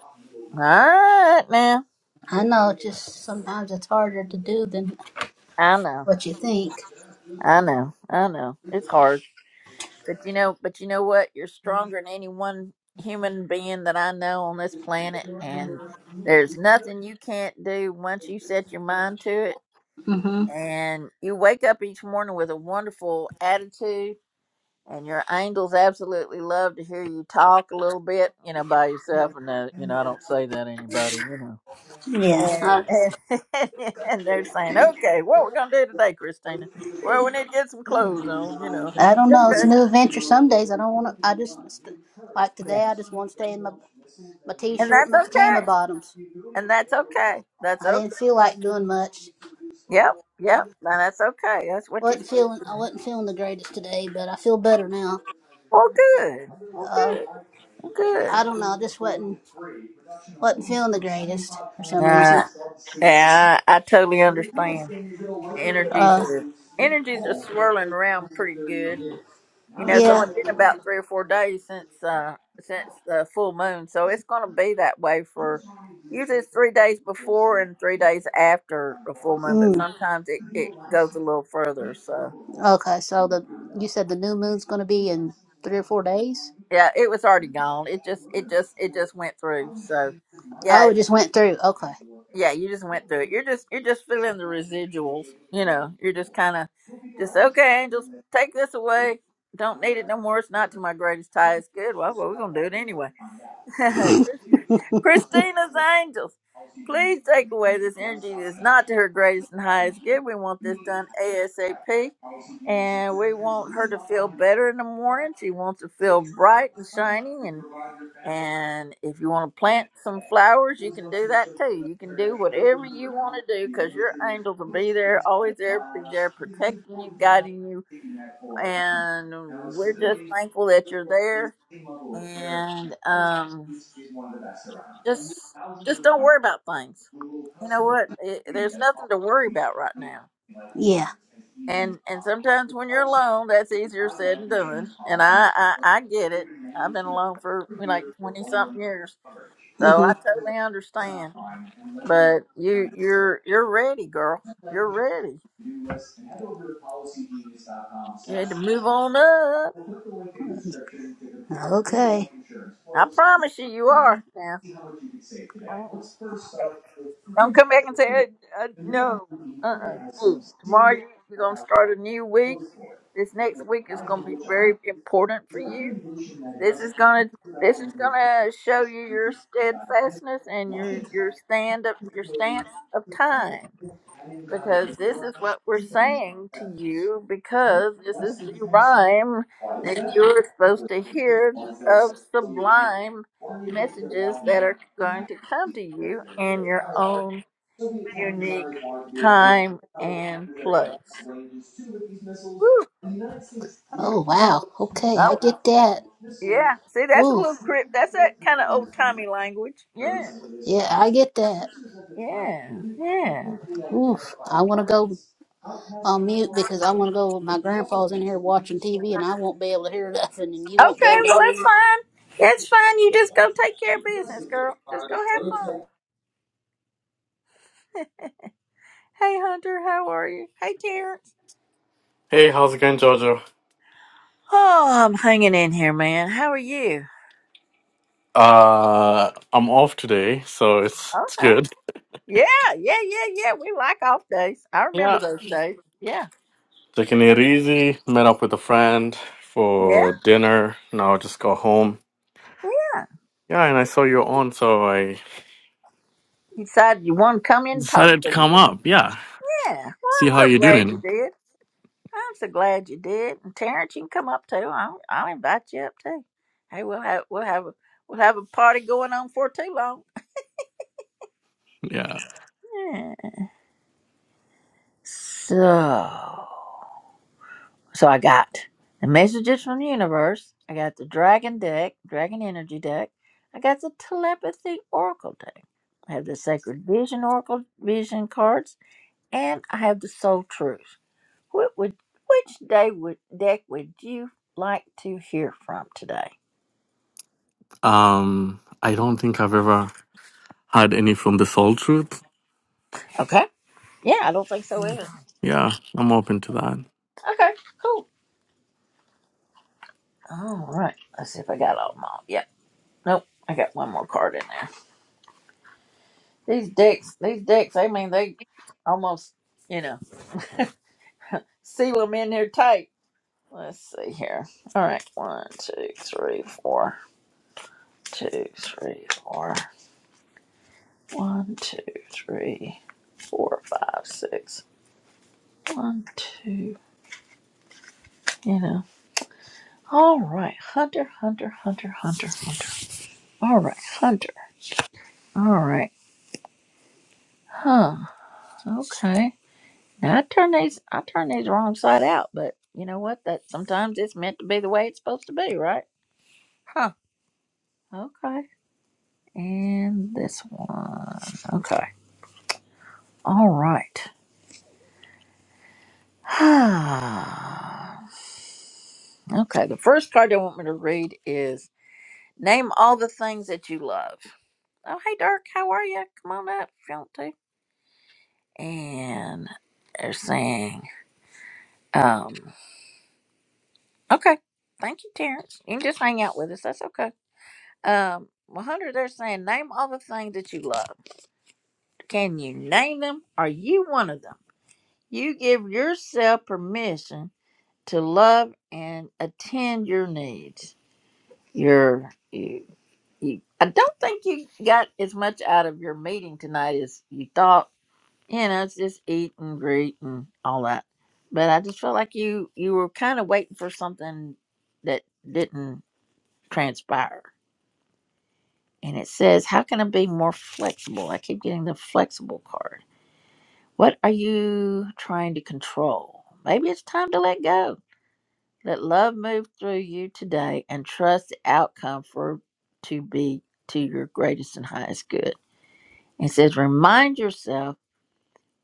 All right, now
I know. Just sometimes it's harder to do than
I know.
what you think.
I know. I know. It's hard. But you know, but you know what? You're stronger than any one human being that I know on this planet, and there's nothing you can't do once you set your mind to it.
hmm
And you wake up each morning with a wonderful attitude, and your angels absolutely love to hear you talk a little bit, you know, by yourself. And uh, you know, I don't say that to anybody, you know.
Yeah. I,
And, and, and they're saying, "Okay, what we're gonna do today, Christina? Well, we need to get some clothes on, you know."
I don't know. It's a
Okay,
new adventure. Some days I don't want to. I just st- like
yeah,
today. I just want to stay in my my
and
t-shirt, and my
that's
pajama
okay.
bottoms.
and that's okay. That's
I
okay.
didn't feel like doing much.
Yep, yep. Now that's okay. That's what you're
wasn't
supposed
feeling.
to do.
I wasn't feeling the greatest today, but I feel better now.
Well, good. Well,
Uh,
good. Well, good.
I don't know. I just wasn't wasn't feeling the greatest for some reason.
Uh, yeah, I, I totally understand. Energies
Uh,
are energies are swirling around pretty good. And, you know, it's
yeah.
only been about three or four days since uh since the full moon, so it's going to be that way for usually it's three days before and three days after the full moon, but
Mm.
sometimes it it goes a little further. So.
Okay, so the you said the new moon's going to be in three or four days.
Yeah, it was already gone. It just it just it just went through. So yeah,
Oh, it
it-
just went through. Okay,
yeah, you just went through it. You're just you're just feeling the residuals, you know. You're just kinda just okay, angels, take this away. Don't need it no more. It's not to my greatest tie. It's good. Well, well we're gonna do it anyway. Christina's angels. Please take away this energy that is not to her greatest and highest good. We want this done ASAP. And we want her to feel better in the morning. She wants to feel bright and shining and if you want to plant some flowers, you can do that too. You can do whatever you want to do because your angels will be there, always there, be there protecting you, guiding you. And we're just thankful that you're there. And um, just just don't worry about things. You know what? It, there's nothing to worry about right now.
yeah.
And and sometimes when you're alone, that's easier said than done. And I I, I get it. I've been alone for you know, like twenty something years, so
hmm
I totally understand But you you're you're ready, girl. You're ready. You had to move on up.
Okay.
I promise you, you are now. Don't, don't come back and say uh, uh, no. Uh uh No. Tomorrow you- you're gonna start a new week. This next week is gonna be very important for you. This is gonna this is gonna show you your steadfastness and your your stand up your stance of time. because this is what we're saying to you because this is the rhyme that you're supposed to hear of sublime messages that are going to come to you in your own unique time and place. Woo.
Oh wow. Okay, I
Oh,
get that.
yeah. See, that's a
Woo.
little crypt. That's that kind of old timey language. Yeah.
Yeah, I get that.
Yeah. Yeah.
Oof. I want to go on mute because I want to go. My grandpa's in here watching TV, and I won't be able to hear nothing, and you won't be
Okay.
able to
Well,
hear. anything.
that's fine. That's fine. You just go take care of business, girl. Just go have fun. Hey Hunter, how are you? Hey Terrence.
Hey, how's it going, Jojo?
Oh, I'm hanging in here, man. How are you?
Uh, I'm off today, so it's it's
Okay.
good.
Yeah, yeah, yeah, yeah. We like off days. I remember
Yeah,
those days. Yeah.
taking it easy. Met up with a friend
Yeah.
for dinner. Now I just got home.
Yeah.
Yeah, and I saw you're on, so I
You decided you want to come in and talk
decided to
to me.
come up. Yeah,
Yeah.
see how
Well, I'm so
you're
glad you
doing.
did. I'm so glad you did. And Terrence, you can come up too. I'll, I'll invite you up too. Hey, we'll have we'll have a we'll have a party going on for too long.
Yeah.
Yeah. So. So I got the messages from the universe. I got the dragon deck, dragon energy deck. I got the telepathy oracle deck. I have the sacred vision oracle vision cards, and I have the soul truth. What would which day would deck would you like to hear from today?
Um, I don't think I've ever had any from the Soul Truth.
Okay. Yeah, I don't think so either.
Yeah, I'm open to that.
Okay. Cool. All right. Let's see if I got all of them all. Yep. Nope. I got one more card in there. These decks, these decks. I mean, they almost, you know. Seal them in there tight. Let's see here. All right. One, two, three, four. Two, three, four. One, two, three, four, five, six. One, two, you know. All right. Hunter, Hunter, Hunter, Hunter, Hunter. All right. Hunter. All right. Huh. Okay. Now I turn these I turn these wrong side out, but you know what? That sometimes it's meant to be the way it's supposed to be, right? Huh. Okay. And this one. Okay. All right. okay. The first card they want me to read is Name All the Things That You Love. Oh, hey, Dirk. How are you? Come on up if you want to. And they're saying, um, okay. Thank you, Terrence. You can just hang out with us. That's okay. Um, 100, they're saying, Name all the things that you love. Can you name them? Are you one of them? You give yourself permission to love and attend your needs. Your, you, you, I don't think you got as much out of your meeting tonight as you thought. You know, it's just eat and greet and all that. But I just felt like you you were kind of waiting for something that didn't transpire. And it says, "How can I be more flexible?" I keep getting the flexible card. What are you trying to control? Maybe it's time to let go Let love move through you today and trust the outcome for to be to your greatest and highest good. It says, remind yourself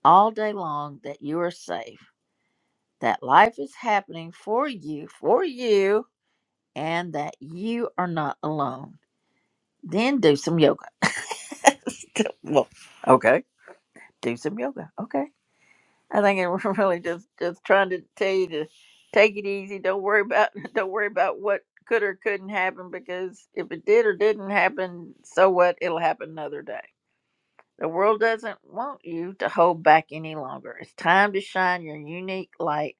all day long that you are safe, that life is happening for you, for you, and that you are not alone. Then do some yoga. well, okay. Do some yoga. Okay. I think it was really just just trying to tell you to take it easy. Don't worry about don't worry about what could or couldn't happen because if it did or didn't happen, so what? It'll happen another day. The world doesn't want you to hold back any longer. It's time to shine your unique light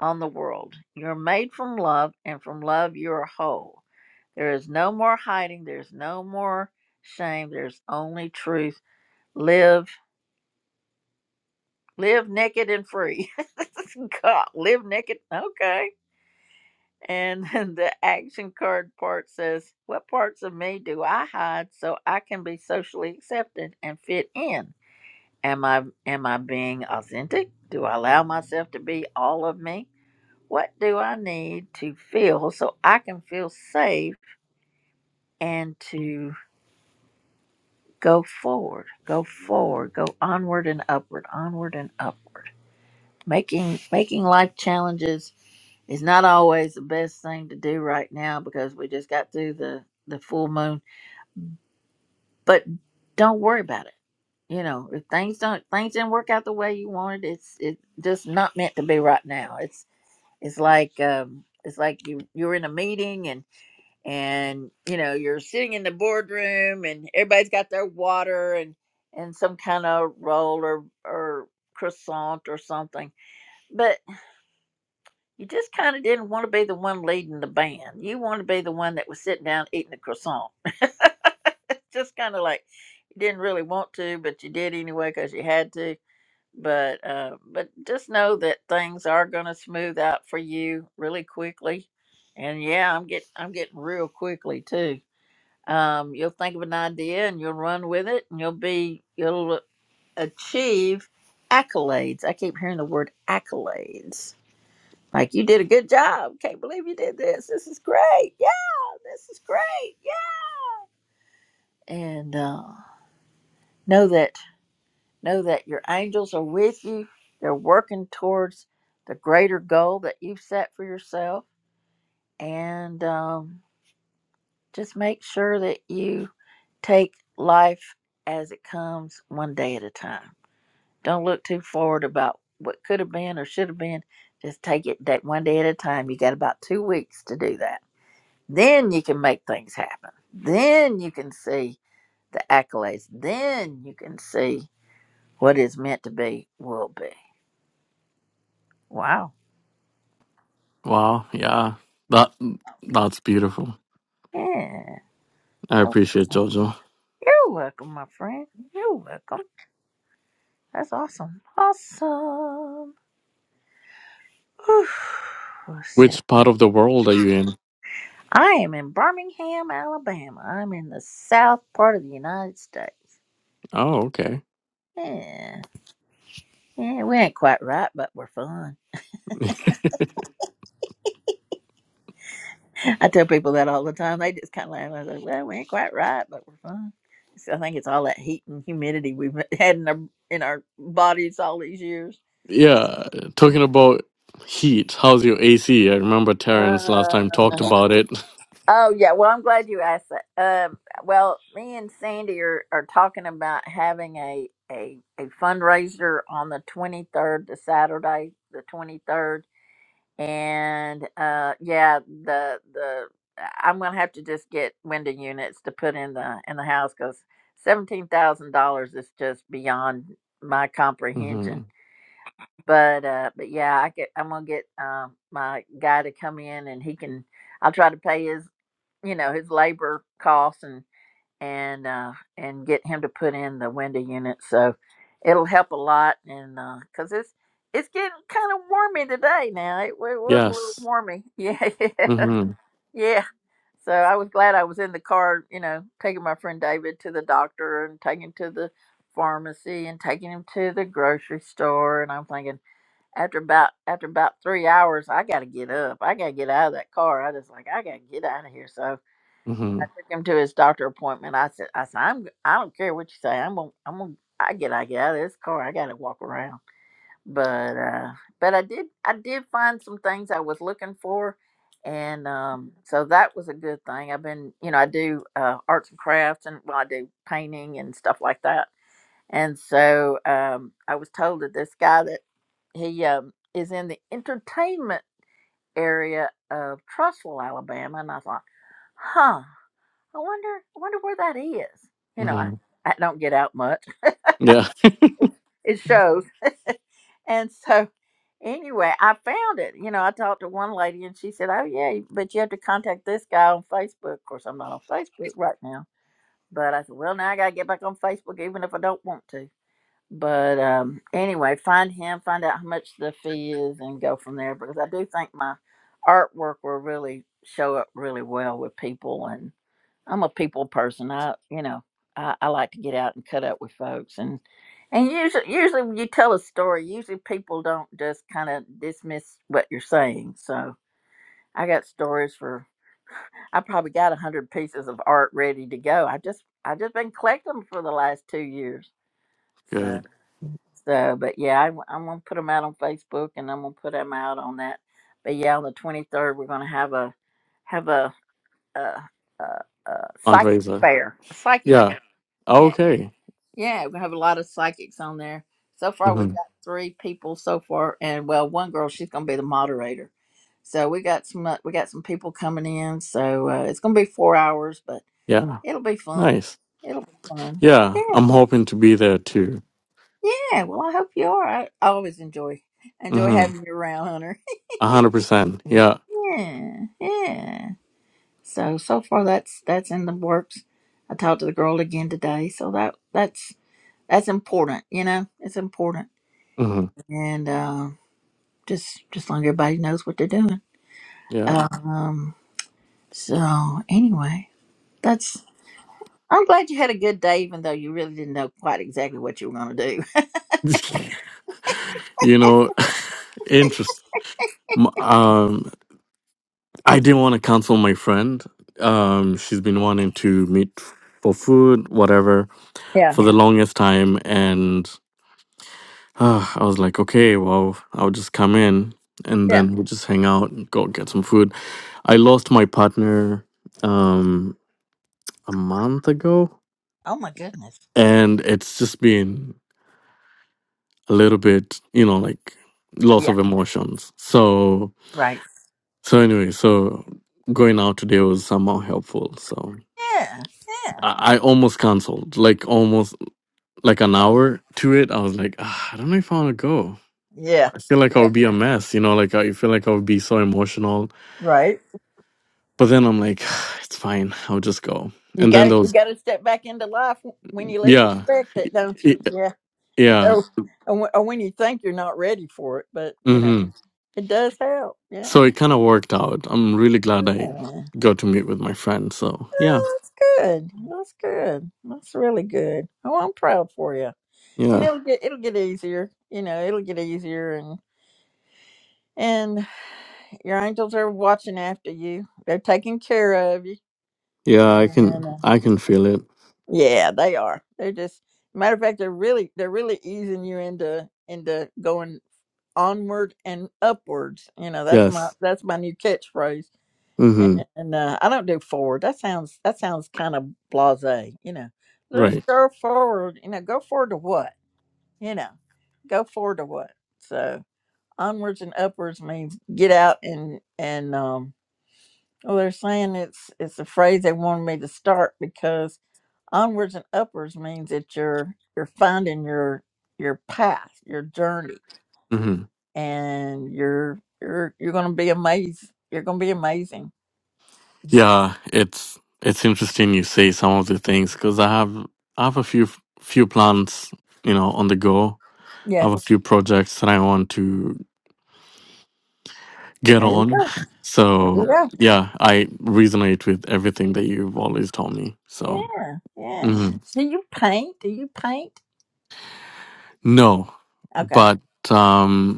on the world. You're made from love, and from love you're whole. There is no more hiding. There's no more shame. There's only truth. Live Live naked and free. God, live naked. Okay. And then the action card part says, What parts of me do I hide so I can be socially accepted and fit in? Am I am I being authentic? Do I allow myself to be all of me? What do I need to feel so I can feel safe and to go forward, go forward, go onward and upward, onward and upward. Making making life challenges It's not always the best thing to do right now because we just got through the the full moon. But don't worry about it. You know, if things don't things didn't work out the way you wanted, it's it's just not meant to be right now. It's it's like um it's like you you're in a meeting and and you know you're sitting in the boardroom and everybody's got their water and and some kind of roll or or croissant or something but. You just kind of didn't want to be the one leading the band. You wanted to be the one that was sitting down eating the croissant. just kind of like you didn't really want to, but you did anyway because you had to. But uh, but just know that things are going to smooth out for you really quickly. And yeah, I'm getting I'm getting real quickly too. Um, you'll think of an idea and you'll run with it, and you'll be you'll achieve accolades. I keep hearing the word accolades like you did a good job. Can't believe you did this. This is great. Yeah, this is great. Yeah. And uh, know that know that your angels are with you. They're working towards the greater goal that you've set for yourself. And um, just make sure that you take life as it comes, one day at a time. Don't look too forward about what could have been or should have been. Just take it day one day at a time. You got about two weeks to do that Then you can make things happen. Then you can see the accolades. Then you can see what is meant to be will be. Wow.
Wow. Yeah, that that's beautiful.
Yeah.
I
That
appreciate Jojo.
You're welcome, my friend. You're welcome. That's awesome. Awesome. Whew. Let's see.
Which part of the world are you in?
I am in Birmingham, Alabama. I'm in the south part of the United States.
Oh, okay.
Yeah. Yeah, we ain't quite right, but we're fun. I tell people that all the time. They just kind of laugh. I say, "Well, we ain't quite right, but we're fine." So I think it's all that heat and humidity we've had in our in our bodies all these years.
Yeah, talking about heat, how's your AC? I remember Terrence last time talked
Uh,
about it.
oh yeah. Well, I'm glad you asked that. Um, well, me and Sandy are, are talking about having a, a a fundraiser on the 23rd, the Saturday, the 23rd. and uh yeah the the i'm gonna have to just get window units to put in the in the house because seventeen thousand dollars is just beyond my
hmm
comprehension but uh but yeah i get i'm gonna get um my guy to come in and he can i'll try to pay his you know his labor costs and and uh, and get him to put in the window unit. So it'll help a lot, and because it's it's getting kind of warmy today now. It, wa- it was a little
Yes.
warmy, yeah, yeah,
hmm
yeah. So I was glad I was in the car, you know, taking my friend David to the doctor and taking him to the pharmacy and taking him to the grocery store. And I'm thinking after about after about three hours, I got to get up. I got to get out of that car. I just like I got to get out of here. So
hmm
I took him to his doctor appointment. I said, I said, I'm, I don't care what you say. I'm gonna, I'm gonna, I get, I get out of this car. I gotta walk around. But, uh, but I did, I did find some things I was looking for, and um, so that was a good thing. I've been, you know, I do uh, arts and crafts, and well, I do painting and stuff like that. And so um, I was told that this guy that he um, is in the entertainment area of Trussville, Alabama, and I thought, huh. I wonder, I wonder where that is. You know, I,
hmm
I don't get out much.
Yeah.
It shows. and so, anyway, I found it. You know, I talked to one lady and she said, "Oh yeah, but you have to contact this guy on Facebook." Of course, I'm not on Facebook right now. But I said, "Well, now I gotta get back on Facebook, even if I don't want to." But um, anyway, find him, find out how much the fee is, and go from there. Because I do think my artwork will really show up really well with people, and. I'm a people person. I, you know, I, I like to get out and cut up with folks, and and usually, usually when you tell a story, usually people don't just kind of dismiss what you're saying. So I got stories for. I probably got a hundred pieces of art ready to go. I just, I just been collecting 'em for the last two years.
Good.
So, so, but yeah, I, am gonna put them out on Facebook, and I'm gonna put them out on that. But yeah, on the 23rd, we're gonna have a, have a, a, a, a psychic
fundraiser.
fair, a psychic
Yeah.
fair yeah,
Okay.
yeah, we have a lot of psychics on there. So far, we've
hmm
got three people so far, and well, one girl she's gonna be the moderator. So we got some uh, we got some people coming in. So uh, it's gonna be four hours, but
Yeah.
it'll be fun.
Nice.
It'll be fun.
Yeah. I'm
Yeah,
hoping to be there too.
yeah. Well, I hope you are. I, I always enjoy enjoy
hmm
having you around, Hunter.
A hundred percent. Yeah.
yeah, yeah. So so far, that's that's in the works. I talked to the girl again today, so that that's that's important. You know, it's important
hmm
and uh, just just long everybody knows what they're doing.
Yeah.
Um, so anyway, that's. I'm glad you had a good day, even though you really didn't know quite exactly what you were going to do.
you know, interest. m- Um, I didn't want to cancel my friend. Um, she's been wanting to meet for food, whatever,
Yeah.
for the longest time, and uh, I was like, okay, well, I'll just come in, and
Yeah.
then we'll just hang out and go get some food. I lost my partner um a month ago
Oh my goodness.
and it's just been a little bit, you know, like loss
Yeah.
of emotions. So
Right.
so anyway, so going out today was somehow helpful. So
Yeah, yeah,
I, I almost cancelled, like almost like an hour to it. I was like, ah, I don't know if I want to go.
yeah,
I feel like I
yeah.
would be a mess, you know, like I feel like I would be so emotional.
Right.
But then I'm like, it's fine. I'll just go.
You
And then
got
there
to You
was,
got to step back into life when you least
yeah,
expect it, don't you?
it,
Yeah.
yeah.
Or, or when or when you think you're not ready for it, but you know
mm-hmm.
it does help. Yeah.
So it kind of worked out. I'm really glad I got to meet with my friend. So yeah,
Oh, that's good. That's good. That's really good. Oh, I'm proud for you. And
yeah,
it'll get it'll get easier. You know, it'll get easier, and and your angels are watching after you. They're taking care of you.
yeah. I can,
And uh,
I can feel it.
yeah, they are. They're just matter of fact, they're really they're really easing you into into going onward and upwards. You know, that's my
Yes.
that's my new catchphrase
Mm-hmm.
and uh, I don't do forward. That sounds that sounds kind of blasé, you know. Let's
Right.
go forward. You know, go forward to what? You know, go forward to what? So onwards and upwards means get out and and um. Well, they're saying it's it's a phrase they wanted me to start because onwards and upwards means that you're you're finding your your path, your journey,
Mm-hmm.
and you're you're you're gonna be amazed. You're gonna be amazing.
Yeah. It's it's interesting you say some of the things because I have I have a few few plans, you know, on the go. I
Yeah.
have a few projects that I want to get
There you
on.
go. There you
So
go.
yeah, I resonate with everything that you've always told me. So
Yeah, yeah.
mhm.
Do you paint? Do you paint?
no,
Okay,
but. um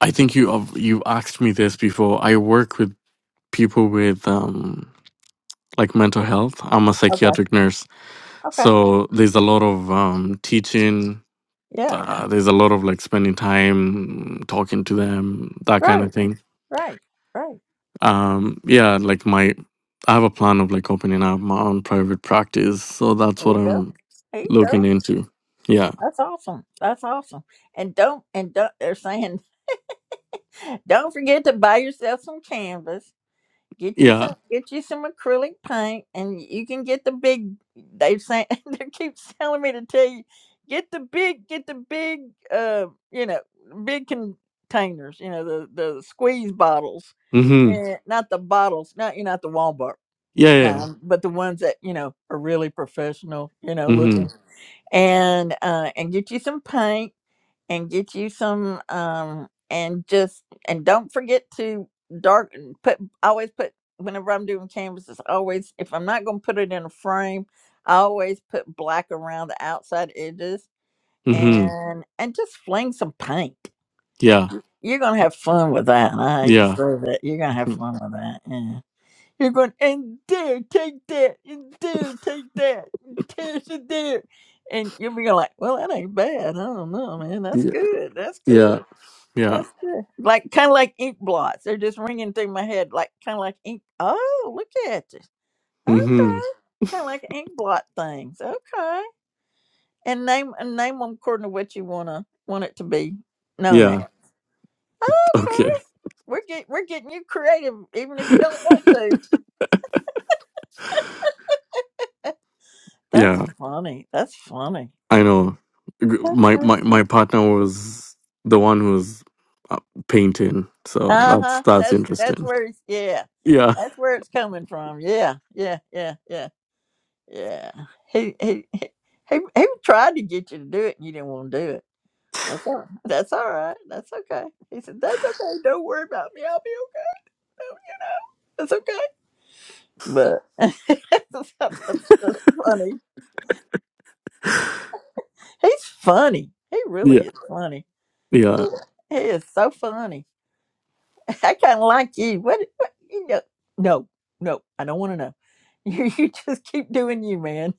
I think you of- you asked me this before. I work with people with um, like mental health. I'm a
okay,
psychiatric nurse,
okay.
so there's a lot of um, teaching.
Yeah,
Uh, there's a lot of like spending time talking to them, that kind
right,
of thing.
right, right.
Um, yeah, like my I have a plan of like opening up my own private practice, so that's
There
what
you go.
I'm
There you
looking
go.
into. Yeah,
That's awesome. That's awesome. And don't and don't. They're saying, don't forget to buy yourself some canvas Get you
yeah,
some get you some acrylic paint and you can get the big they say they keep telling me to tell you get the big get the big uh you know big containers, you know, the the squeeze bottles.
mm-hmm.
and not the bottles, not you know, not the Walmart
yeah, yeah, yeah.
kind, but the ones that you know are really professional, you know,
mm-hmm.
looking. And uh, and get you some paint and get you some um and just and don't forget to dark put always put whenever I'm doing canvases always if I'm not going to put it in a frame I always put black around the outside edges
Mm-hmm.
and and just fling some paint
yeah,
you're going to have fun with that And I hate to say
yeah,
that you're going to have fun with that yeah you're going and there take that and there take that and there's a there and you'll be going like well that ain't bad I don't know man that's
Mhm.
good that's
yeah,
good
yeah.
that's good. Like kind of like ink blots. They're just ringing through my head, like kind of like ink. Oh, look at you.
Mm-hmm.
Okay, kind of like ink blot things. Okay, and name and name them according to what you wanna want it to be known as.
Yeah.
Okay,
Okay.
we're get we're getting you creative, even if you don't want to. That's
Yeah.
funny. That's funny.
I know. G-
That's
My
funny.
my my partner was the one who was uh, painting, so
uh
that's
huh.
that's
That's that's
interesting.
where it's yeah.
Yeah.
That's where it's coming from. Yeah, yeah, yeah, yeah. Yeah. He he he he he tried to get you to do it and you didn't want to do it. That's all that's all right. That's okay. He said, That's okay, don't worry about me, I'll be okay. you know? It's okay. But that's, that's, that's funny. He's funny. He really
Yeah.
is funny.
Yeah.
He is so funny. I kinda like you. What, what you know no, no, I don't wanna know. You you just keep doing you, man.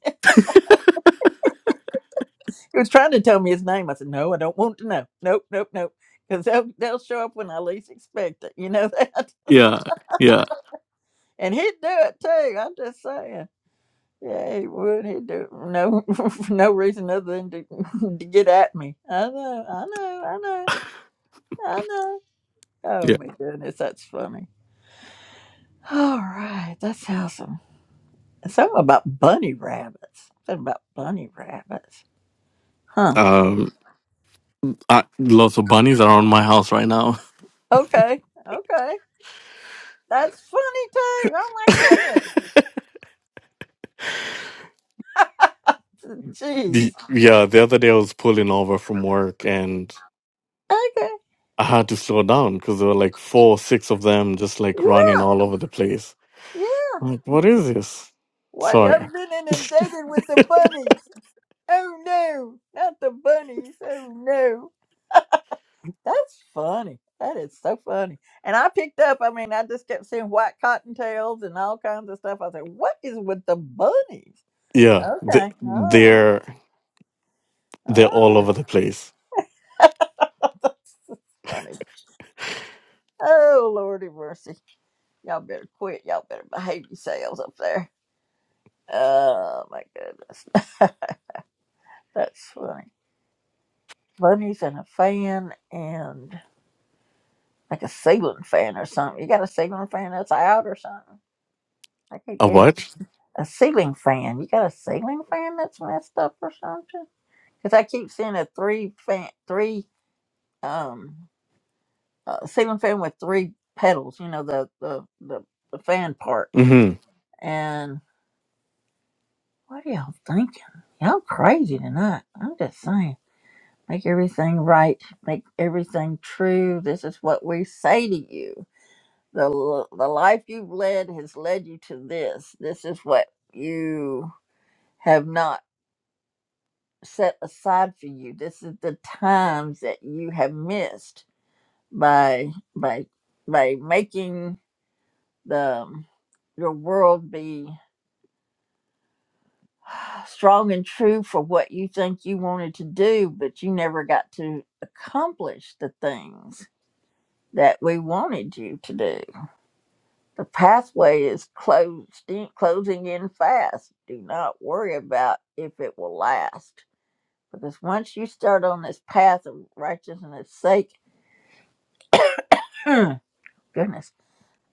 He was trying to tell me his name. I said, no, I don't want to know. Nope, nope, nopebecause they'll, they'll show up when I least expect it. You know that?
Yeah. Yeah.
And he'd do it too. I'm just saying. Yeah, he would. He'd do it for no, for no reason other than to, to get at me. I know, I know, I know, I know. Oh
Yeah.
my goodness, that's funny. All right, that's awesome. Something about bunny rabbits. Something about bunny rabbits. Huh.
Um. I, lots of bunnies around my house right now.
Okay, okay. That's funny too. Oh my goodness. Jeez.
The, yeah. The other day I was pulling over from work and
Okay.
I had to slow down because there were like four, six of them just like
Yeah.
running all over the place.
yeah.
I'm Like, what is this?
What?
Sorry.
I've been inundated with the bunnies. Oh no, not the bunnies. Oh no. That's funny. That is so funny. And I picked up, I mean, I just kept seeing white cottontails and all kinds of stuff. I said, what is with the bunnies?
Yeah, they,
Okay. All right.
they're
All
they're all
right.
over the place.
Funny. Oh, Lordy mercy. Y'all better quit. Y'all better behave yourselves up there. Oh, my goodness. That's funny. bunnies and a fan and like a ceiling fan or something. You got a ceiling fan that's out or something? I keep
A
getting
what?
a ceiling fan. You got a ceiling fan that's messed up or something? Because I keep seeing a three fan, three um uh, ceiling fan with three pedals. You know the the the, the fan part.
Mm-hmm.
And what are y'all thinking? Y'all crazy tonight. I'm just saying. Make everything right. Make everything true. This is what we say to you. the l- the life you've led has led you to this. This is what you have not set aside for you. This is the times that you have missed by by by making the your world be strong and true for what you think you wanted to do, but you never got to accomplish the things that we wanted you to do. The pathway is closed in, closing in fast. Do not worry about if it will last. Because once you start on this path of righteousness sake, goodness,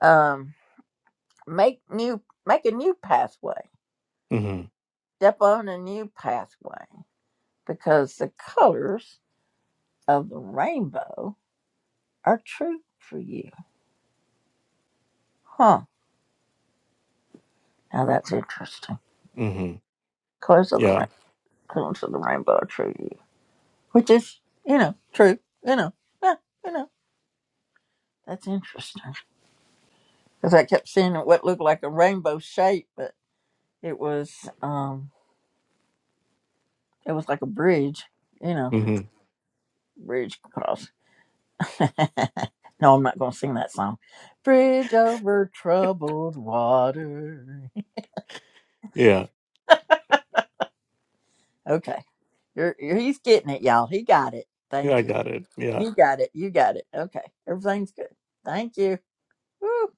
um, make new make a new pathway.
Mm-hmm.
Step on a new pathway because the colors of the rainbow are true for you. Huh. Now that's interesting.
Mm-hmm.
Colors of the rain
Yeah.
colors of the rainbow are true to you. Which is, you know, true. You know. Yeah, you know. That's interesting because I kept seeing what looked like a rainbow shape, but it was um it was like a bridge, you know,
Mm-hmm.
bridge cross. no, I'm not going to sing that song. Bridge over troubled water.
Yeah.
Okay, you're, you're he's getting it, y'all. He got it.
Yeah,
Thank
I
you.
got it. Yeah.
You got it. You got it. Okay, everything's good. Thank you. Woo,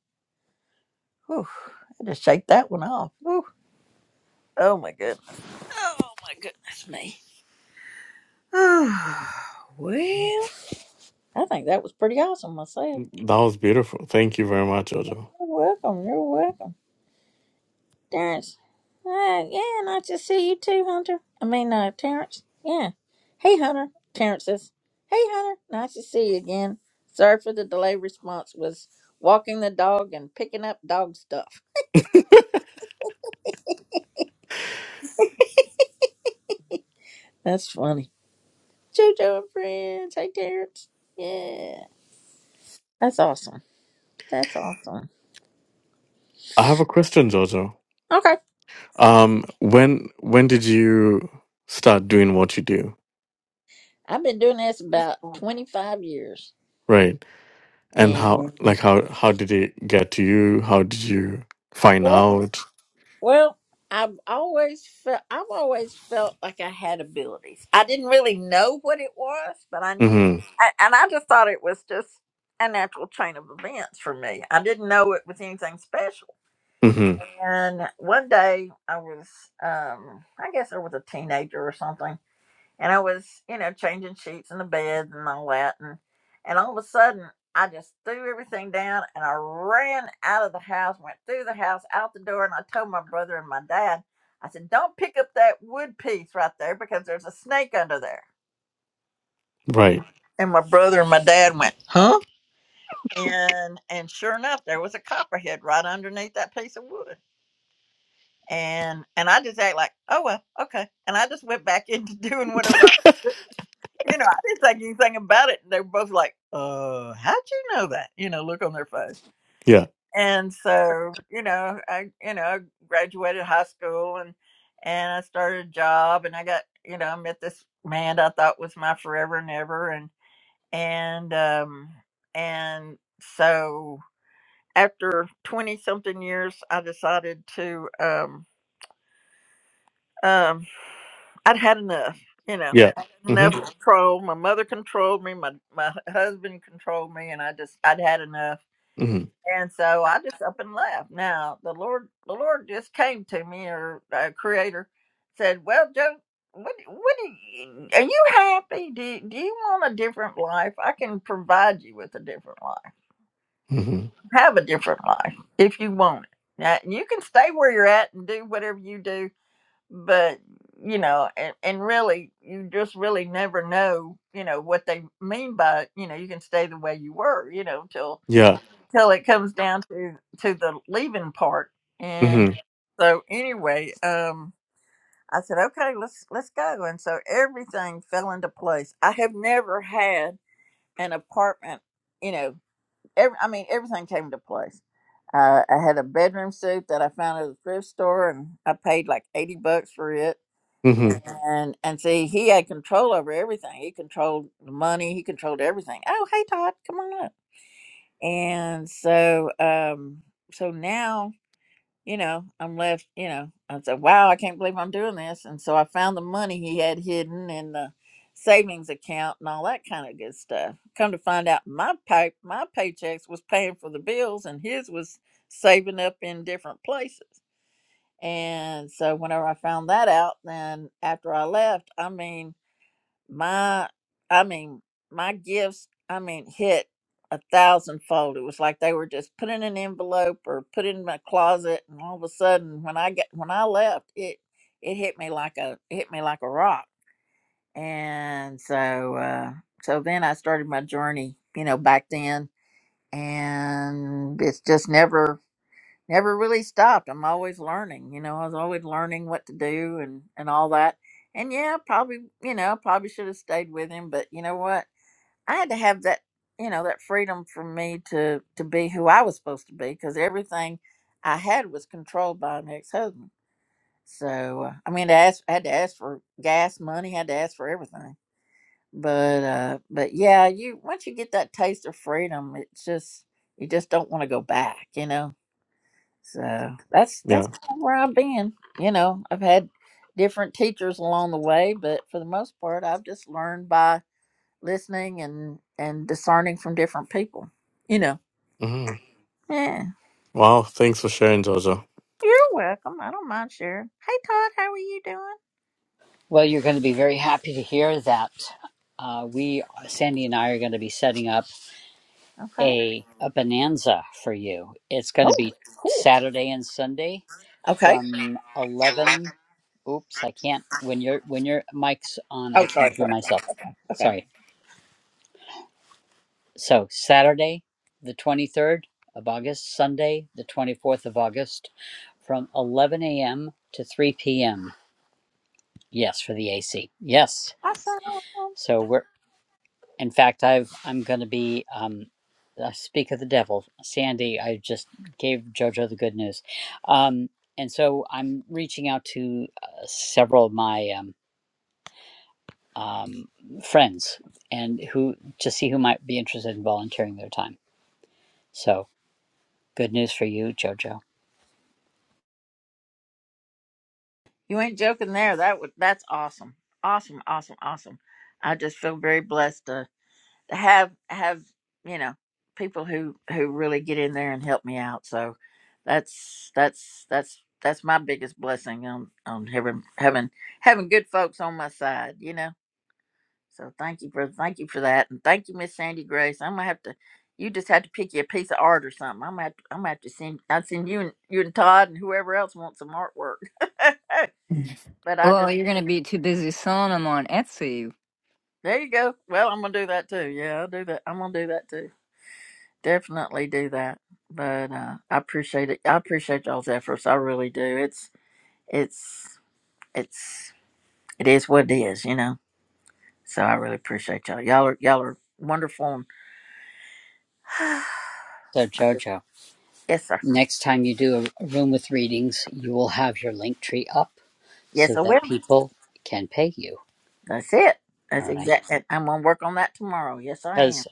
whew. I just shake that one off. Woo. Oh my goodness. Oh my goodness me. well. I think that was pretty awesome myself.
That was beautiful. Thank you very much, Jojo.
You're welcome. You're welcome, Terrence. Uh, yeah, nice to see you too, Hunter. I mean, uh, Terrence. Yeah. Hey, Hunter. Terrence says, "Hey, Hunter. Nice to see you again. Sorry for the delay. Response was walking the dog and picking up dog stuff. That's funny. Jojo and friends. Hey, Terrence. Yeah. That's awesome. That's awesome.
I have a question, Jojo.
Okay.
Um, when when did you start doing what you do?
I've been doing this about twenty five years,
Right. And how
and
like how how did it get to you? How did you find out?
Well, I've always felt I've always felt like I had abilities. I didn't really know what it was, but I knew,
Mm-hmm.
I, and I just thought it was just a natural chain of events for me. I didn't know it was anything special.
Mm-hmm.
And one day I was, um, I guess I was a teenager or something, and I was, you know, changing sheets in the bed and all that, and and all of a sudden I just threw everything down and I ran out of the house, went through the house, out the door, and I told my brother and my dad, I said, "Don't pick up that wood piece right there because there's a snake under there."
Right.
And my brother and my dad went, "Huh?" And and sure enough, there was a copperhead right underneath that piece of wood. And and I just act like, oh well, okay. And I just went back into doing whatever I was You know, I didn't think anything about it. They were both like, "Uh, how'd you know that?" You know, look on their face.
Yeah.
And so, you know, I, you know, I graduated high school and and I started a job and I got, you know, I met this man that I thought was my forever and ever and and um and so after 20 something years I decided to um. Um, I'd had enough, you know,
Yeah.
I'd had enough
Mm-hmm.
control. My mother controlled me, my, my husband controlled me, and I just, I'd had enough.
Mm-hmm.
And so I just up and left. Now the Lord, the Lord just came to me, or uh, Creator said, "Well, Joe, what, what do you, are you happy? Do, do you want a different life? I can provide you with a different life.
Mm-hmm.
Have a different life if you want it. Now you can stay where you're at and do whatever you do but you know and, and really you just really never know you know what they mean by you know you can stay the way you were you know till
Yeah.
till it comes down to to the leaving part and
Mm-hmm.
so anyway um i said okay let's let's go and so everything fell into place i have never had an apartment you know every, i mean everything came into place uh, i had a bedroom suit that i found at a thrift store and i paid like 80 bucks for it
mm-hmm.
and and see he had control over everything he controlled the money he controlled everything oh hey todd come on up and so um so now you know i'm left you know i said wow i can't believe i'm doing this and so i found the money he had hidden in the savings account and all that kind of good stuff come to find out my pay my paychecks was paying for the bills and his was saving up in different places and so whenever i found that out then after i left i mean my i mean my gifts i mean hit a thousandfold it was like they were just put in an envelope or put in my closet and all of a sudden when i get when i left it it hit me like a it hit me like a rock and so uh so then i started my journey you know back then and it's just never never really stopped. I'm always learning, you know, I was always learning what to do and, and all that. And yeah, probably, you know, probably should have stayed with him, but you know what? I had to have that, you know, that freedom for me to, to be who I was supposed to be because everything I had was controlled by an ex-husband. So, uh, I mean, I, asked, I had to ask for gas money, had to ask for everything. But, uh, but yeah, you, once you get that taste of freedom, it's just, you just don't want to go back, you know? So that's that's
Yeah.
kind of where I've been. You know, I've had different teachers along the way, but for the most part, I've just learned by listening and and discerning from different people. You know.
hmm
Yeah.
Wow. Thanks for sharing, Georgia.
You're welcome. I don't mind sharing. Hey, Todd, how are you doing?
Well, you're going to be very happy to hear that. Uh, we, Sandy and I, are going to be setting up
Okay.
a, a bonanza for you. It's going to
Oh,
be
cool.
Saturday and Sunday
Okay.
from 11. Oops, I can't. When your when your mic's on, I
Oh,
can't
sorry,
hear
sorry, sorry.
myself.
Okay.
Sorry. So Saturday, the 23rd of August, Sunday, the 24th of August, from 11 a.m. to 3 p.m. Yes, for the AC. Yes.
Awesome.
So we're In fact, I've I'm going to be um, uh, speak of the devil, Sandy. I just gave JoJo the good news, um, and so I'm reaching out to uh, several of my um, um, friends and who to see who might be interested in volunteering their time. So good news for you, JoJo.
You ain't joking there. That would that's awesome. Awesome, awesome, awesome. I just feel very blessed to. have have you know people who who really get in there and help me out so that's that's that's that's my biggest blessing on on having having having good folks on my side you know so thank you for thank you for that and thank you miss sandy grace i'm gonna have to you just have to pick you a piece of art or something i'm gonna have to, I'm gonna have to send i will send you and you and todd and whoever else wants some artwork but i
Well,
just
you're gonna be too busy selling them on Etsy.
there you go well i'm gonna do that too yeah i'll do that i'm gonna do that too definitely do that. But uh, I appreciate it. I appreciate y'all's efforts. I really do. It's it's it's it is what it is, you know. So I really appreciate y'all. Y'all are y'all are wonderful. And
So
I just,
JoJo,
yes, sir.
next time you do a a room with readings, you will have your link tree up
Yes,
so
I
that
will.
people can pay you.
That's it. That's
All right.
exact. and I'm gonna work on that tomorrow. Yes, I
because.
am.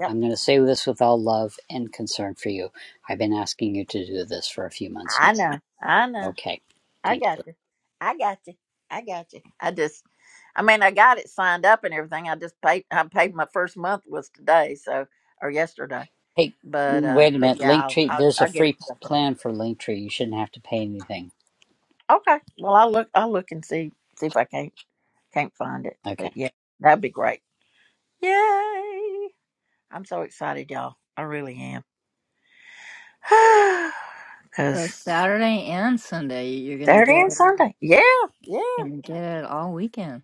Yep.
I'm going to say this with all love and concern for you. I've been asking you to do this for a few months
I know. I
now.
know.
Okay.
I
Thank
got
you.
you. I got you. I got you. I just. I mean, I got it signed up and everything. I just paid. I paid my first month was today. So or yesterday.
Hey,
But uh,
wait a
but
minute.
yeah, I'll
Linktree,
I'll,
there's a
I'll get it.
free p-
put up.
plan for Linktree. You shouldn't have to pay anything.
Okay. Well, I'll look. I'll look and see see if I can't can't find it.
Okay.
But yeah, that'd be great. Yay! I'm so excited, y'all. I really am.
So
Cause
Saturday and Sunday, you're gonna
Saturday
get
and Sunday. Yeah, yeah.
gonna get it all weekend.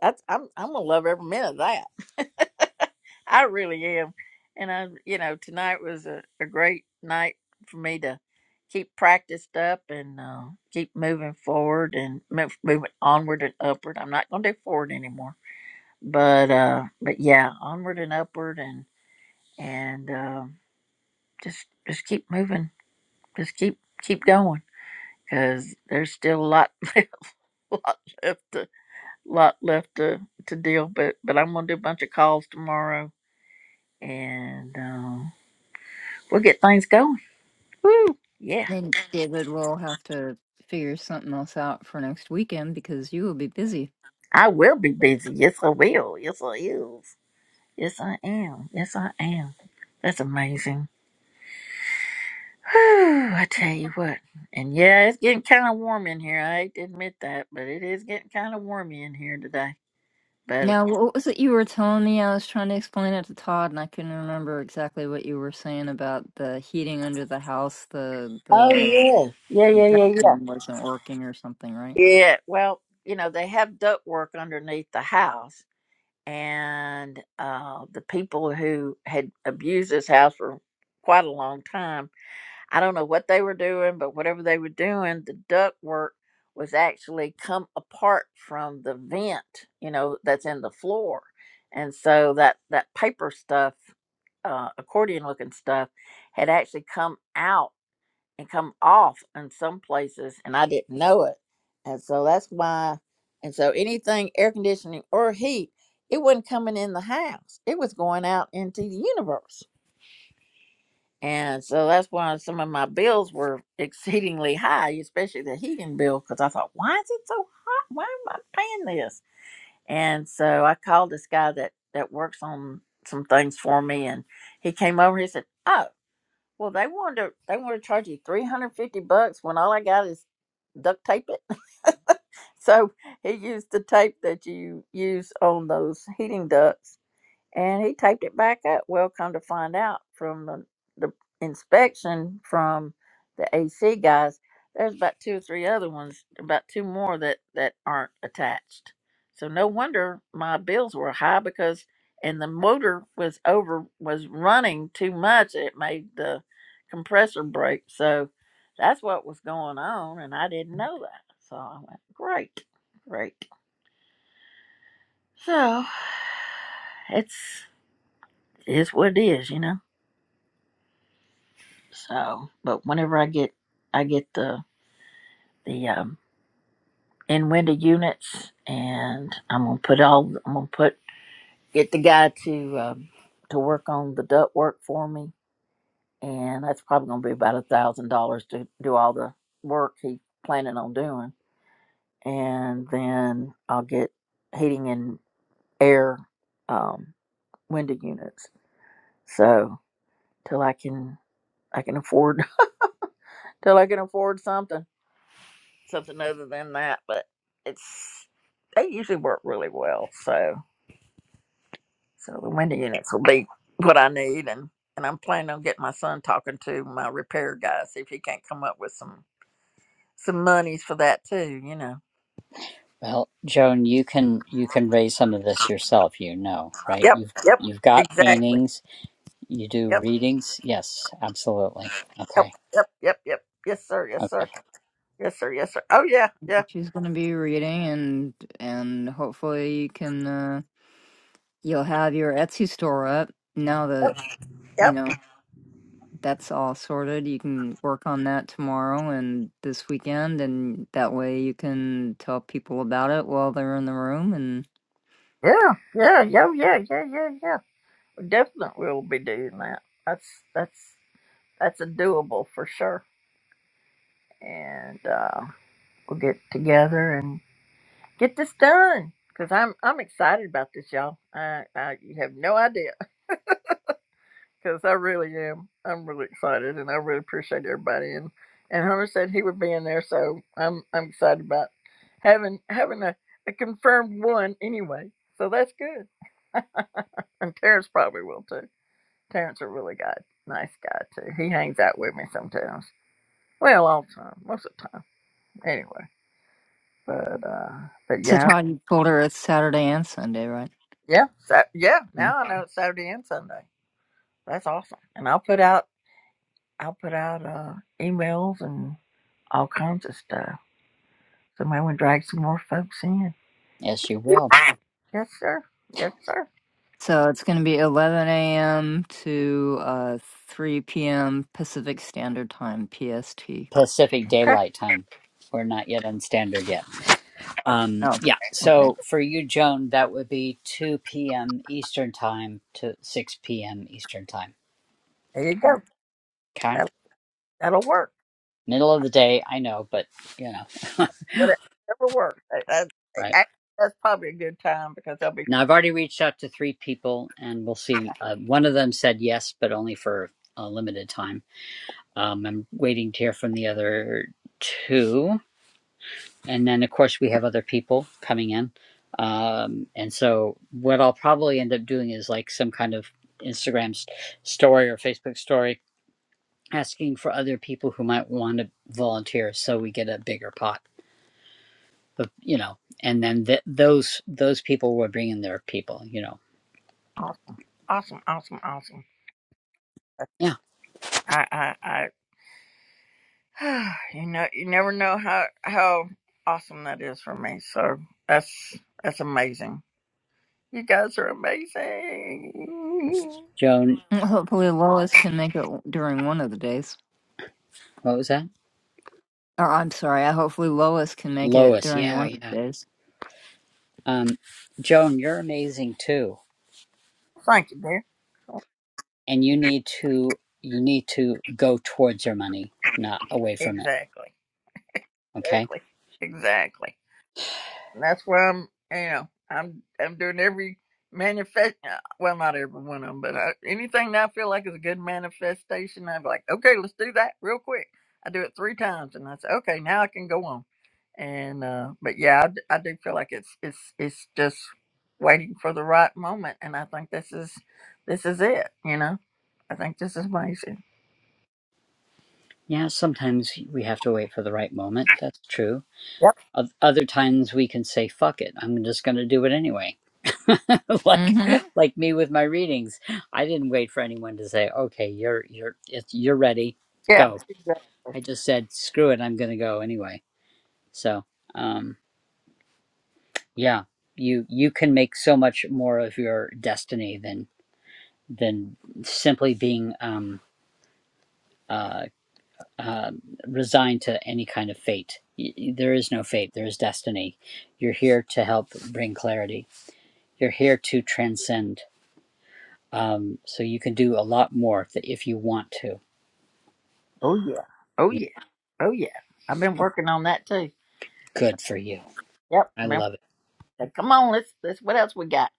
That's I'm I'm gonna love every minute of that. I really am. And I, you know, tonight was a, a great night for me to keep practiced up and uh, keep moving forward and move, moving onward and upward. I'm not going to do forward anymore, but uh, but yeah, onward and upward and and um just just keep moving, just keep keep going because there's still a lot a lot left lot left to, to deal, but but I'm gonna do a bunch of calls tomorrow, and um, we'll get things going. Woo! Yeah,
And David will have to figure something else out for next weekend because you will be busy.
I will be busy. Yes, I will. Yes, I is. Yes, I am. Yes, I am. That's amazing. Whew, I tell you what. And yeah, it's getting kind of warm in here. I hate to admit that, but it is getting kind of warmy in here today. But
Now, what was it you were telling me? I was trying to explain it to Todd, and I couldn't remember exactly what you were saying about the heating under the house. The
oh
the
yeah, yeah, yeah, yeah, yeah.
ducting wasn't working or something, right?
Yeah. Well, you know they have duct work underneath the house, and uh, the people who had abused this house for quite a long time. I don't know what they were doing, but whatever they were doing, the ductwork was actually come apart from the vent, you know, that's in the floor, and so that that paper stuff, uh, accordion looking stuff, had actually come out and come off in some places and I didn't know it. And so that's why and so anything air conditioning or heat, it wasn't coming in the house. It was going out into the universe. And so that's why some of my bills were exceedingly high, especially the heating bill, because I thought, why is it so hot? Why am I paying this? And so I called this guy that, that works on some things for me and he came over, he said, Oh, well, they wanted to, they want to charge you three hundred fifty bucks when all I got is duct tape it. so he used the tape that you use on those heating ducts and he taped it back up. Well, come to find out from the, the inspection from the AC guys, there's about two or three other ones, about two more that that aren't attached. So no wonder my bills were high because and the motor was over was running too much. It made the compressor break. So that's what was going on, and I didn't know that. So I went great, great. So it's is what it is, you know. So, but whenever I get, I get the the um, in window units, and I'm gonna put all, I'm gonna put get the guy to um, to work on the duct work for me, and that's probably gonna be about a thousand dollars to do all the work he's planning on doing, and then I'll get heating and air um, window units. So till I can, I can afford till I can afford something. something other than that, but it's they usually work really well. So so the window units will be what I need and and I'm planning on getting my son talking to my repair guy, see if he can't come up with some some monies for that too, you know.
Well, Joan, you can you can raise some of this yourself, you know, right?
Yep,
You've
yep,
you've got
exactly.
paintings, you do
Yep,
readings. Yes, absolutely.
yep,
Okay.
yep, yep, yep. Yes, sir, yes, sir.
Okay.
Yes, sir, yes, sir. Oh yeah, yeah.
She's gonna be reading, and and hopefully you can. Uh, You'll have your Etsy store up now that, you
Yep.
know,
yep.
that's all sorted. You can work on that tomorrow and this weekend, and that way you can tell people about it while they're in the room. And
Yeah, yeah, yeah, yeah, yeah, yeah, yeah. Definitely we'll be doing that. That's that's that's a doable for sure. and uh, we'll get together and get this done. Cause I'm I'm excited about this, y'all. I, I you have no idea. Cause I really am. I'm really excited, and I really appreciate everybody. And and Hunter said he would be in there, so I'm I'm excited about having having a, a confirmed one anyway. So that's good. and Terrence probably will too. Terrence a really guy, nice guy too. He hangs out with me sometimes. Well, all the time, most of the time. Anyway, but uh, but
so,
yeah,
Todd, you told her it's Saturday and Sunday, right?
Yeah, so yeah,
Mm.
now I know it's Saturday and Sunday. That's awesome. And I'll put out I'll put out uh emails and all kinds of stuff. So maybe we drag some more folks in.
Yes, you will.
Yes, sir. Yes, sir.
So it's going to be 11 a.m. to uh, 3 p.m. Pacific Standard Time, PST.
Pacific
Okay.
Daylight Time. We're not yet on standard yet. Um,
Oh,
yeah.
okay.
So for you, Joan, that would be 2 p.m. Eastern time to 6 p.m. Eastern time.
There you go.
Okay.
That that'll work.
Middle of the day. I know, but you know,
Whatever works. That, that,
right.
that- that's probably a good time because they'll be
Now I've already reached out to three people and we'll see. Uh, one of them said yes, but only for a limited time. Um, I'm waiting to hear from the other two. and then of course we have other people coming in um, and so what i'll probably end up doing is like some kind of instagram s- story or facebook story asking for other people who might want to volunteer so we get a bigger pot of you know and then th- those those people will bring in their people you know
awesome. Awesome, awesome, awesome.
yeah
I I I you know you never know how how awesome that is for me. So that's that's amazing. You guys are amazing.
joan
Hopefully, Lois can make it during one of the days.
what was that
Or I'm sorry. I hopefully Lois can make it
lois
during
yeah
one of
yeah
these.
um, joan you're amazing too
Thank you, dear.
and you need to you need to go towards your money not away from it
Exactly.
okay
Exactly. Exactly. And that's why I'm, you know, I'm I'm doing every manifest. uh, Well, not every one of them, but I, anything that I feel like is a good manifestation, I'm like, okay, let's do that real quick. I do it three times, and I say, okay, now I can go on. And uh but yeah, I, d- I do feel like it's it's it's just waiting for the right moment, and I think this is this is it. You know, I think this is amazing.
Yeah, sometimes we have to wait for the right moment. That's true.
Yep.
Oth- Other times we can say, fuck it, I'm just going to do it anyway. like
Mm-hmm.
like me with my readings. I didn't wait for anyone to say, "Okay, you're you're it's, you're ready.
Yeah.
Go."
Exactly.
I just said, "Screw it, I'm going to go anyway." So, um yeah, you you can make so much more of your destiny than than simply being um uh um, resigned to any kind of fate. There is no fate, there is destiny. You're here to help bring clarity, you're here to transcend. Um, so you can do a lot more if you want to.
Oh yeah. Oh
Yeah,
yeah. Oh yeah. I've been working on that too.
Good for you.
Yep.
I
Been-
love it.
like, Come on, let's let's what else we got?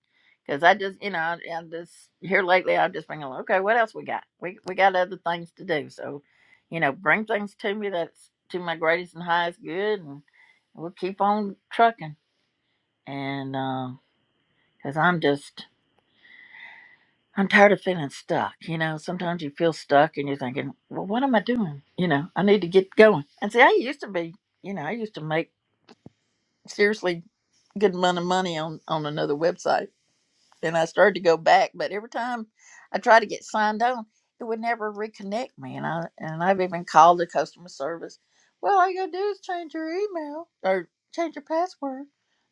Because I just you know I- i just here lately. I've just been going okay. What else we got? We we got other things to do. So, you know, bring things to me that's to my greatest and highest good, and we'll keep on trucking. And because I'm just I'm tired of feeling stuck. You know, sometimes you feel stuck and you're thinking, well, what am I doing? You know, I need to get going. And see, I used to be, you know, I used to make seriously good amount of money on, on another website. And I started to go back, but every time I tried to get signed on, it would never reconnect me. And I and I've even called the customer service. Well, all you gotta do is change your email or change your password.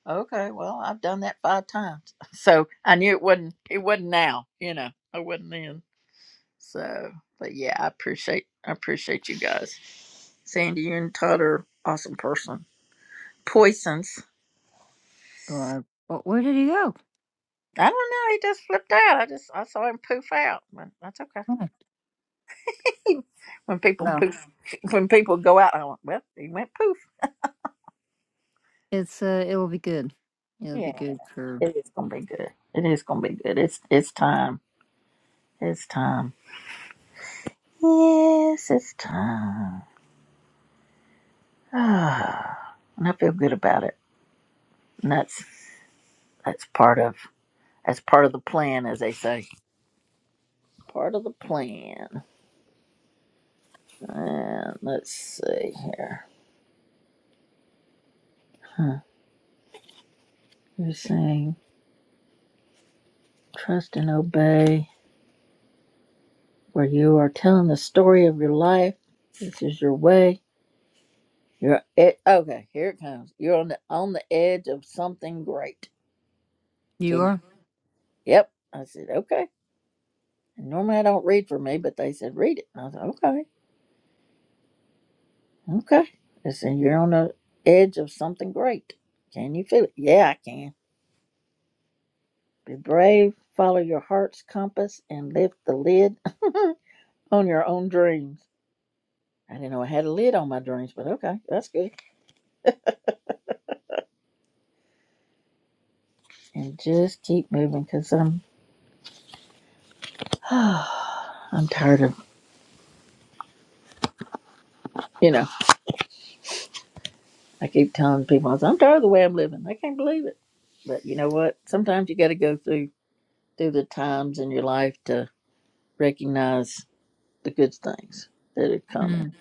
Okay, well, I've done that five times. So I knew it wasn't it wasn't now, you know. I wasn't then. So, but yeah, I appreciate I appreciate you guys. Sandy, you and Todd are awesome person. Poisons.
Or well, where did he go?
I don't know. He just flipped out. I just I saw him poof out, but that's okay.
Oh,
when people
well,
poof, when people go out, I went, well, he went poof.
it's uh, it will be good. It'll be
Yeah,
good for
it is gonna be good. It is gonna be good. It's it's time. It's time. Yes, it's time. Ah, and I feel good about it. And that's that's part of that's part of the plan, as they say. Part of the plan. And let's see here. Huh. You're saying trust and obey, where you are telling the story of your life. This is your way. You're it. Okay, here it comes. You're on the on the edge of something great.
you.
Can you?
Are
Yep. I said okay. And normally I don't read for me, but they said read it. And I said okay, okay. They said you're on the edge of something great. Can you feel it? Yeah, I can. Be brave. Follow your heart's compass and lift the lid. on your own dreams. I didn't know I had a lid on my dreams, but okay, that's good. And just keep moving because I'm, I'm tired of, you know, I keep telling people, I say, I'm tired of the way I'm living. I can't believe it. But you know what? Sometimes you got to go through through the times in your life to recognize the good things that are coming.
mm.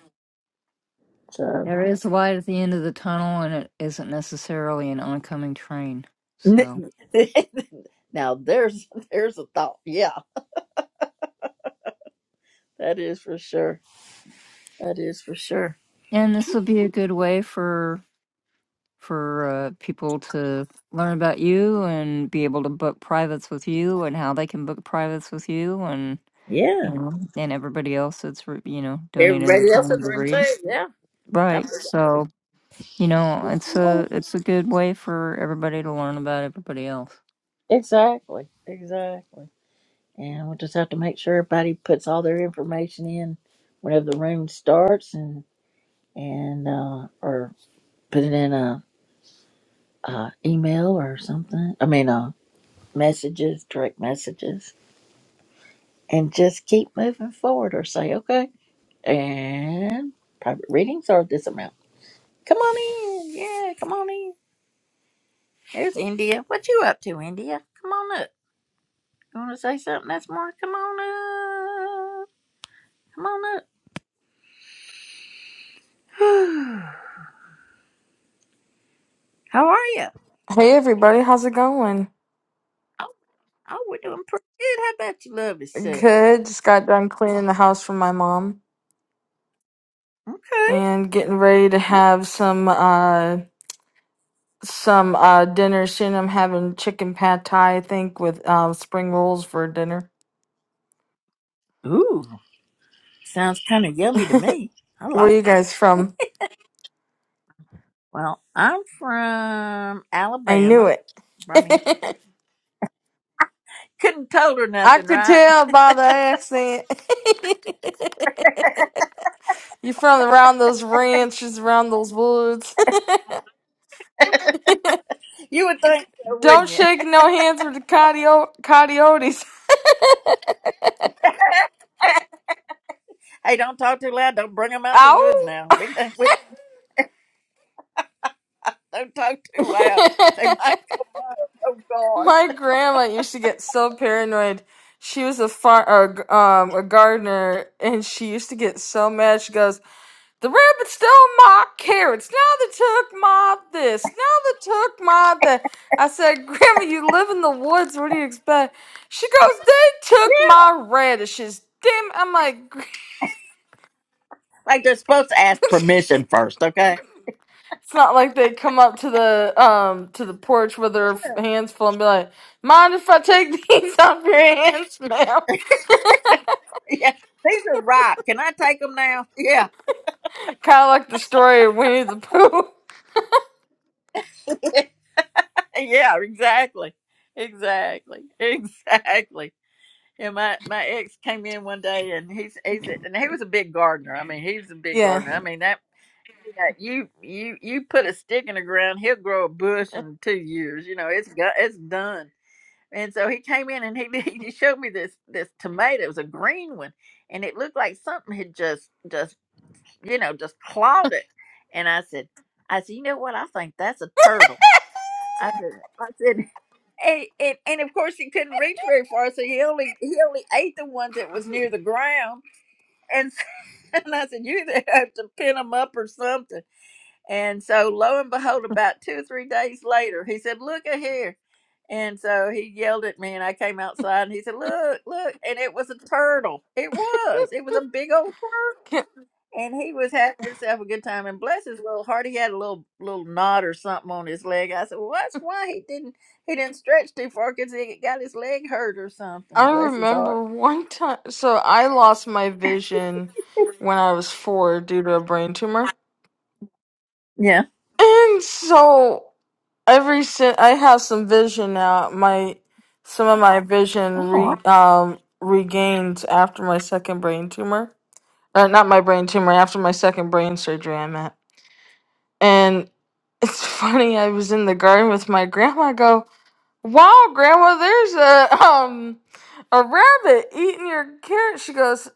So
there is light at the end of the tunnel, and it isn't necessarily an oncoming train. So,
now there's there's a thought. Yeah, that is for sure. That is for sure.
and this will be a good way for for uh, people to learn about you and be able to book privates with you, and how they can book privates with you, and you
Yeah.
know, and everybody else that's re- you know donating the
Everybody
time
else in the
to
room
read.
too. Yeah. That
Right,
was awesome.
so, you know, it's a it's a good way for everybody to learn about everybody else.
Exactly, exactly. And we'll just have to make sure everybody puts all their information in whenever the room starts, and and uh, or put it in a, a email or something. I mean, uh, messages, direct messages, and just keep moving forward, or say okay. And private readings are this amount. Come on in, yeah, come on in. There's India. What you up to, India? Come on up. You want to say something, that's more? Come on up. Come on up. How are you?
Hey everybody, how's it going?
Oh, we're doing pretty good. How about you love yourself?
Good. Just got done cleaning the house for my mom
Okay.
and getting ready to have some uh some uh dinner soon. I'm having chicken pad thai, I think, with uh, spring rolls for dinner.
Ooh, sounds kind of yummy to me. I
Where are
like
you
that.
guys from?
Well, I'm from
I knew
Alabama,
it.
Birmingham. Couldn't told her
I
nothing,
could
right?
tell by the accent. you from around those ranches, around those woods.
You would think so,
Don't
wouldn't you?
shake no hands with the coyote coyotes.
hey, don't talk too loud. Don't bring them out the woods
Ow!
now. We don't, we don't talk too loud. They might come out. Oh, God.
My grandma used to get so paranoid. She was a far or, um a gardener, and she used to get so mad. She goes, "The rabbit stole my carrots. Now they took my this. Now they took my that." I said, "Grandma, you live in the woods. What do you expect?" She goes, "They took my radishes." Damn, I'm like,
Like they're supposed to ask
it's
permission first, okay?
not like they come up to the um to the porch with their f- hands full and be like, "Mind if I take these off your hands, ma'am?"
Yeah, these are ripe. Can I take them now? Yeah.
Kind of like the story of Winnie the Pooh.
Yeah, exactly. Exactly. Exactly. Yeah, my, my ex came in one day and he's he's a- and he was a big gardener. I mean, he's a big
Yeah.
gardener. I mean that yeah, you you you put a stick in the ground, he'll grow a bush in two years. You know, it's got it's done. And so he came in and he he showed me this this tomato. It was a green one, and it looked like something had just just you know just clawed it. And I said, I said, you know what? I think that's a turtle. I said, I said, and, and, and of course he couldn't reach very far, so he only he only ate the ones that was near the ground. And so- and I said, you either have to pin them up or something. And so lo and behold, about two or three days later, he said, look at here. And so he yelled at me, and I came outside, and he said, look, look, and it was a turtle. It was, it was a big old
Can-
and he was having himself a good time. And bless his little heart, he had a little little knot or something on his leg. I said, "Well, that's why he didn't he didn't stretch too far because he got his leg hurt or something."
I
Bless his heart.
remember one time. So I lost my vision when I was four due to a brain tumor,
Yeah.
and so every since I have some vision now, my some of my vision
Oh
re um regained after my second brain tumor. Uh, not my brain tumor after my second brain surgery. I'm at, and it's funny. I was in the garden with my grandma. I Go. Wow, Grandma, there's a um a rabbit eating your carrot. She goes,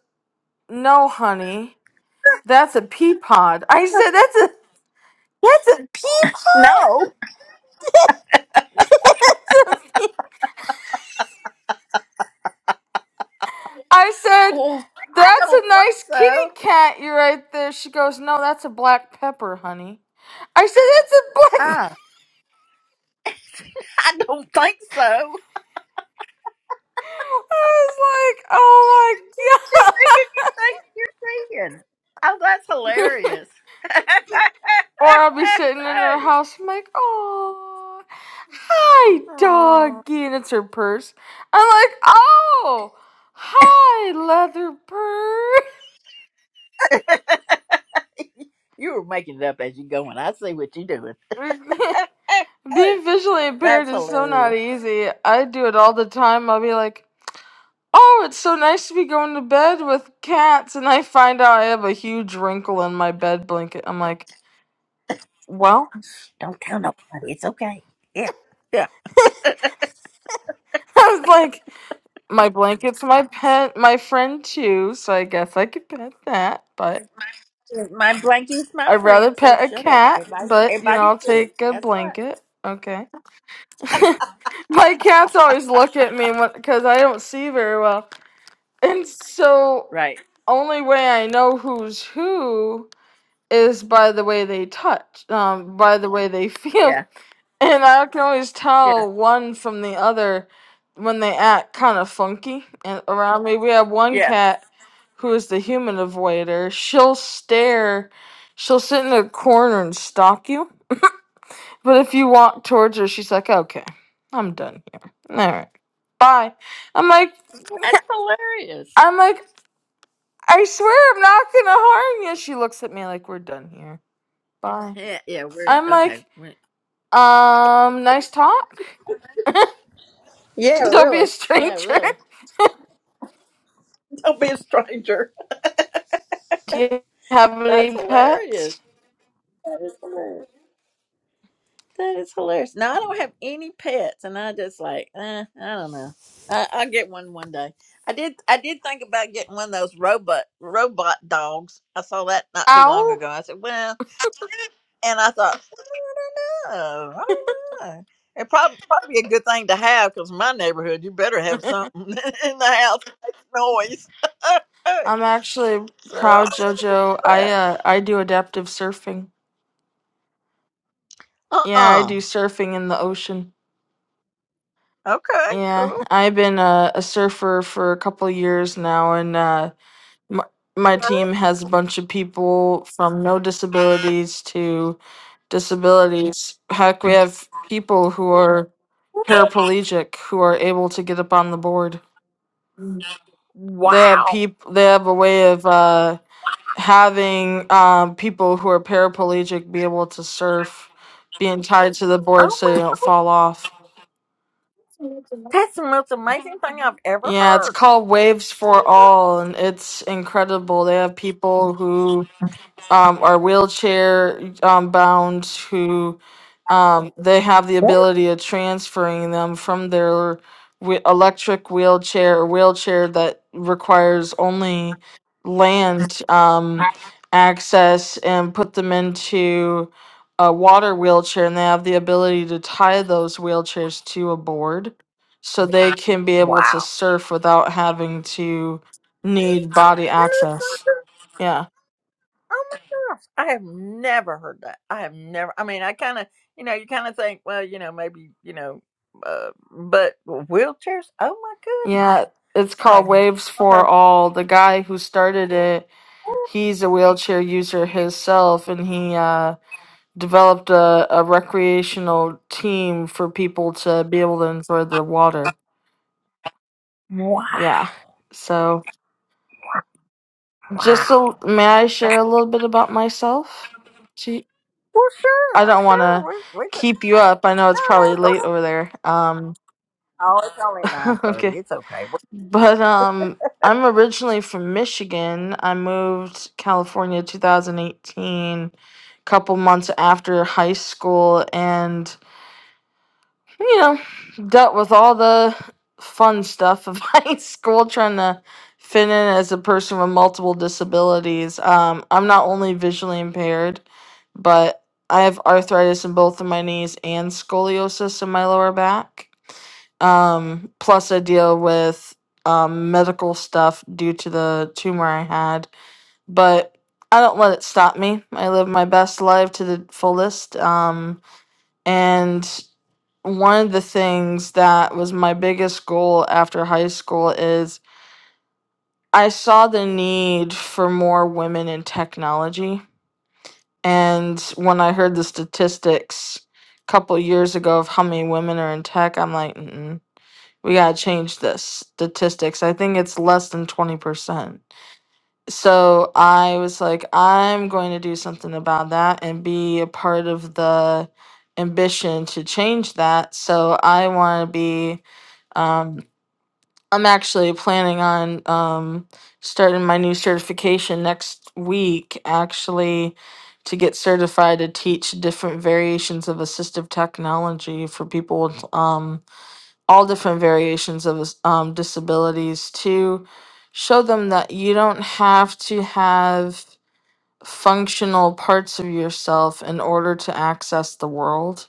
No, honey, that's a pea pod. I said, That's a that's a pea pod.
no.
That's a pea- I said,
Oh, I
That's
don't
a nice
think so.
kitty cat you right there. She goes, No, that's a black pepper, honey. I said, That's a black.
Ah, I don't think so.
I was like, Oh
She's
my god.
thinking you think you're seeing. Oh, that's hilarious.
Or I'll be sitting in her house. I'm like, oh, hi,
Oh,
doggy. And it's her purse. I'm like, oh, hi, leather purse.
you were making it up as you going. I see what you're doing.
Being visually impaired
That's
is so not
hilarious.
easy. I do it all the time. I'll be like, oh, it's so nice to be going to bed with cats. And I find out I have a huge wrinkle in my bed blanket. I'm like, well,
Don't tell nobody. It's okay. Yeah. Yeah.
I was like, my blanket's my pet, my friend too. So I guess I could pet that, but.
My blankie's my
I'd rather
friend, so
pet a
shut up.
cat,
Everybody
but you know,
everybody's
I'll
good.
take a
That's right.
blanket. Okay. My cats always look at me because I don't see very well, and so
Right.
only way I know who's who is by the way they touch, um, by the way they feel,
Yeah.
and I can always
Yeah.
tell one from the other when they act kind of funky. And around me, we have one
Yeah.
cat who is the human avoider. She'll stare. She'll sit in a corner and stalk you But if you walk towards her, she's like, okay, I'm done here. All right, bye. I'm like,
That's hilarious.
I'm like, I swear I'm not gonna harm you. She looks at me like, we're done here. Bye.
Yeah, yeah, we're
I'm
okay.
like,
We're,
um, nice talk.
yeah,
Don't be a
really. Yeah,
stranger.
really. Don't be a stranger.
Do you have
That's
any
hilarious.
pets?
That is hilarious. That is hilarious. Now I don't have any pets, and I just like eh, I don't know. I, I'll get one one day. I did. I did think about getting one of those robot robot dogs. I saw that not too long
Ow.
ago. I said, well, and I thought, I don't know. I don't know. It probably probably a good thing to have because my neighborhood, you better have something in the house that makes noise.
I'm actually
so I
proud,
was
Jojo. I
like,
uh, I do adaptive surfing. Yeah, I
uh-uh.
do surfing in the ocean.
Okay,
Yeah,
cool.
I've been a, a surfer for a couple years now, and uh, my, my team has a bunch of people from no disabilities to disabilities. Heck, we have people who are paraplegic who are able to get up on the board. They have
Wow.
people. They have a way of uh, having um, people who are paraplegic be able to surf, being tied to the board
Oh
so they
my.
don't fall off.
That's the most amazing thing I've ever
Yeah, it's
heard.
called Waves for All, and it's incredible. They have people who um, are wheelchair um, bound who um, they have the
That-
ability of transferring them from their whe- electric wheelchair or wheelchair that requires only land um, access and put them into a water wheelchair and they have the ability to tie those wheelchairs to a board so they can be able to
Wow.
surf without having to need body
And it's
access
like,
yeah
oh my gosh, I have never heard that. I have never, I mean, I kind of, you know, you kind of think, well, you know, maybe, you know, uh, but wheelchairs, oh my goodness.
Yeah, it's called
I've never
Waves for
heard,
All. The guy who started it, he's a wheelchair user himself, and he uh, developed a, a recreational team for people to be able to enjoy the water.
wow,
Yeah. So, just
wow.
a, may I share a little bit about myself? Gee,
Well, sure,
I
well,
don't want to
sure. We, we just,
keep you up. I know it's
no,
probably
no, go
late
ahead.
over there. Um,
Oh, it's only
okay.
9.30. It's okay.
But um, I'm originally from Michigan. I moved California 2018, couple months after high school, and you know, dealt with all the fun stuff of high school, trying to fit in as a person with multiple disabilities. Um, I'm not only visually impaired, but I have arthritis in both of my knees and scoliosis in my lower back. Um, plus, I deal with um, medical stuff due to the tumor I had. But I don't let it stop me. I live my best life to the fullest. Um, and one of the things that was my biggest goal after high school is I saw the need for more women in technology. And when I heard the statistics a couple years ago of how many women are in tech, I'm like, Mm-mm, we got to change this statistics. I think it's less than 20%. So I was like, I'm going to do something about that and be a part of the ambition to change that. So I want to be. um, I'm actually planning on um, starting my new certification next week, actually, to get certified to teach different variations of assistive technology for people with um, all different variations of dis- um, disabilities to show them that you don't have to have functional parts of yourself in order to access the world.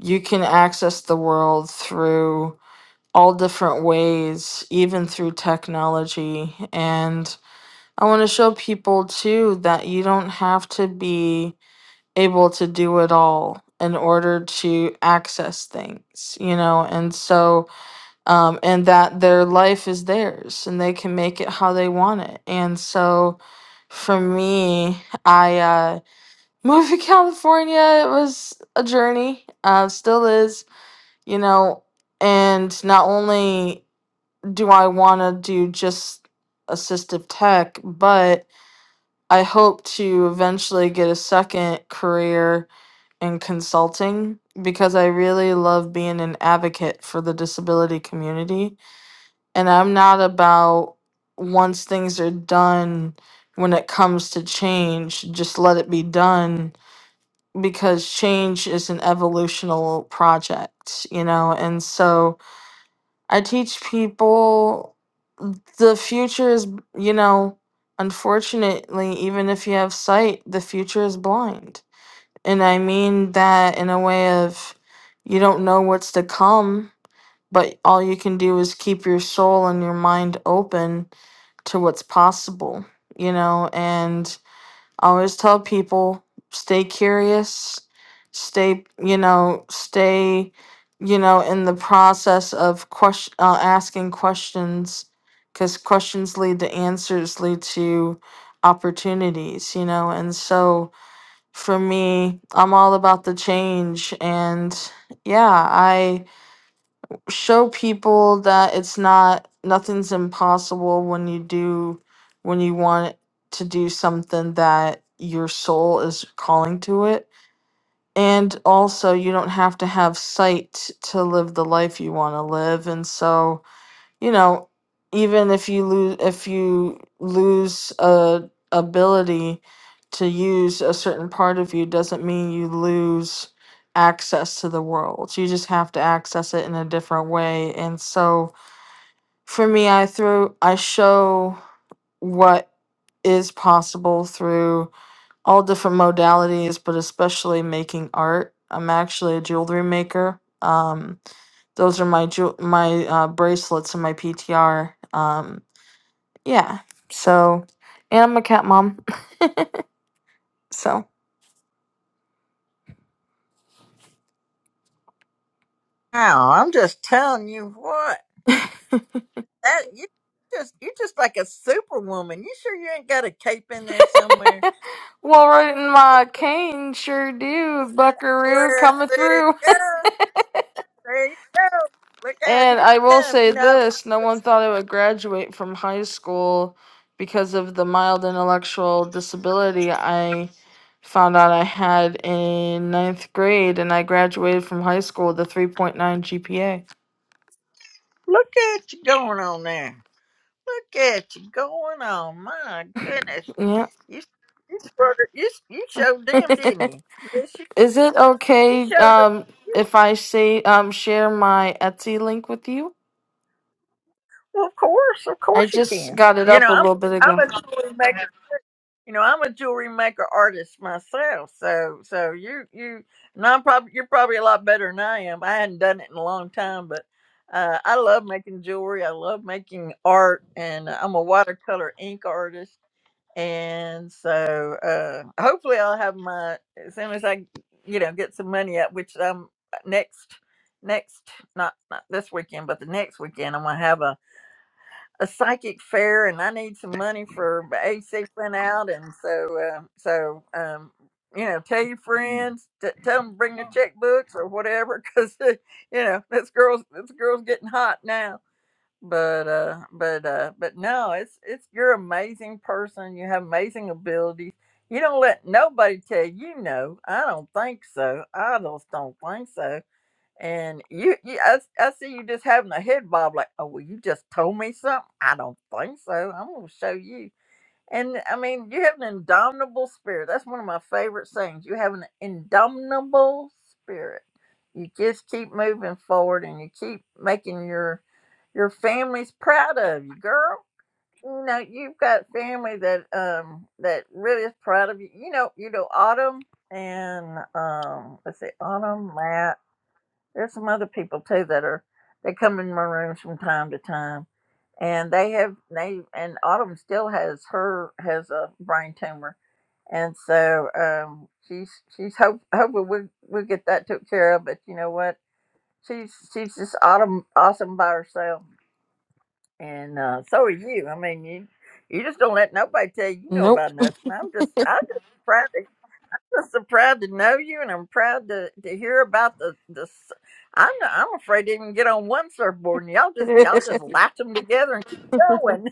You can access the world through all different ways, even through technology. And I want to show people too that you don't have to be able to do it all in order to access things, you know, and so, um, and that their life is theirs and they can make it how they want it. And so, for me, I uh, moved to California. It was a journey, uh, still is, you know, and not only do I want to do just assistive tech, but I hope to eventually get a second career in consulting because I really love being an advocate for the disability community. And I'm not about once things are done when it comes to change, just let it be done because change is an evolutional project, you know? And so I teach people the future is, you know, unfortunately, even if you have sight, the future is blind. And I mean that in a way of you don't know what's to come, but all you can do is keep your soul and your mind open to what's possible, you know, and I always tell people stay curious, stay, you know, stay, you know, in the process of question, uh, asking questions, because questions lead to answers, lead to opportunities, you know. And so for me, I'm all about the change. And yeah, show people that it's not nothing's impossible when you do when you want to do something that your soul is calling to it and also you don't have to have sight to live the life you want to live and so you know, even if you lose if you lose a ability to use a certain part of you doesn't mean you lose access to the world. You just have to access it in a different way. And so for me I through I show what is possible through all different modalities, but especially making art. I'm actually a jewelry maker. Um, those are my jewel my uh, bracelets and my PTR. Um, yeah. So, and I'm a cat mom. So,
Wow, I'm just telling you what. that you just you just like a superwoman. You sure you ain't got a cape in there somewhere?
well, right in my cane, sure do. Buckaroo
Well,
coming
there you
through.
go. There you go. Look out, here
And I
she
will
comes.
say
You know,
this no one thought I would graduate from high school because of the mild intellectual disability I found out I had in ninth grade, and I graduated from high school with a 3.9 GPA.
look at you going on there. Look at you going on. My goodness, you you showed her- you, you showed them, didn't
Yeah.
you? Yes, you,
Is it
you
okay
showed
um,
them.
if I say um, share my Etsy link with you?
Well, of course, of
I
course you
just
can.
got it
You
up
know,
a
I'm
little bit ago.
I'm a tool You know, I'm a jewelry maker artist myself, so so you you and I'm probably you're probably a lot better than I am. I hadn't done it in a long time, but uh, I love making jewelry. I love making art, and I'm a watercolor ink artist. And so uh, hopefully I'll have my as soon as I you know get some money up, which I'm uh, next next not not this weekend, but the next weekend I'm gonna have a a psychic fair and I need some money for AC went out and so uh, so um, you know tell your friends t- tell them bring their checkbooks or whatever because you know this girl's this girl's getting hot now but uh but uh but no it's it's you're an amazing person you have amazing abilities you don't let nobody tell you no I don't think so I just don't think so and you, you I, s- I see you just having a head bob, like, oh, well, you just told me something. I don't think so. I'm going to show you. And I mean, you have an indomitable spirit. That's one of my favorite sayings. You have an indomitable spirit. You just keep moving forward and you keep making your your family's proud of you, girl. You know, you've got family that um that really is proud of you. You know, you know Autumn and um let's see, Autumn, Matt. There's some other people too that are they come in my rooms from time to time, and they have they and Autumn still has her has a brain tumor, and so um, she's she's hope hoping we we get that took care of. But you know what? She's she's just Autumn awesome by herself, and uh, so are you. I mean you. You just don't let nobody tell you you know
Nope.
about nothing. I'm just, I'm just proud. I'm so proud to know you, and I'm proud to, to hear about the the. s- I'm not- I'm afraid to even get on one surfboard, and y'all just y'all just
my
latch them together and keep going.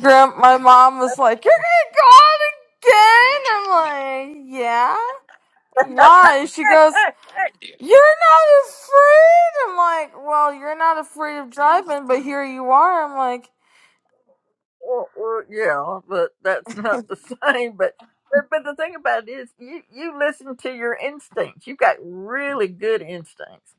grand, my mom was like, "You're gonna go out again." I'm like, "Yeah." Why? She goes, "You're not afraid." I'm like, "Well, you're not afraid of driving, but here you are." I'm like,
well, well, yeah, but that's not the same. But, but but the thing about it is, you you listen to your instincts. You got really good instincts.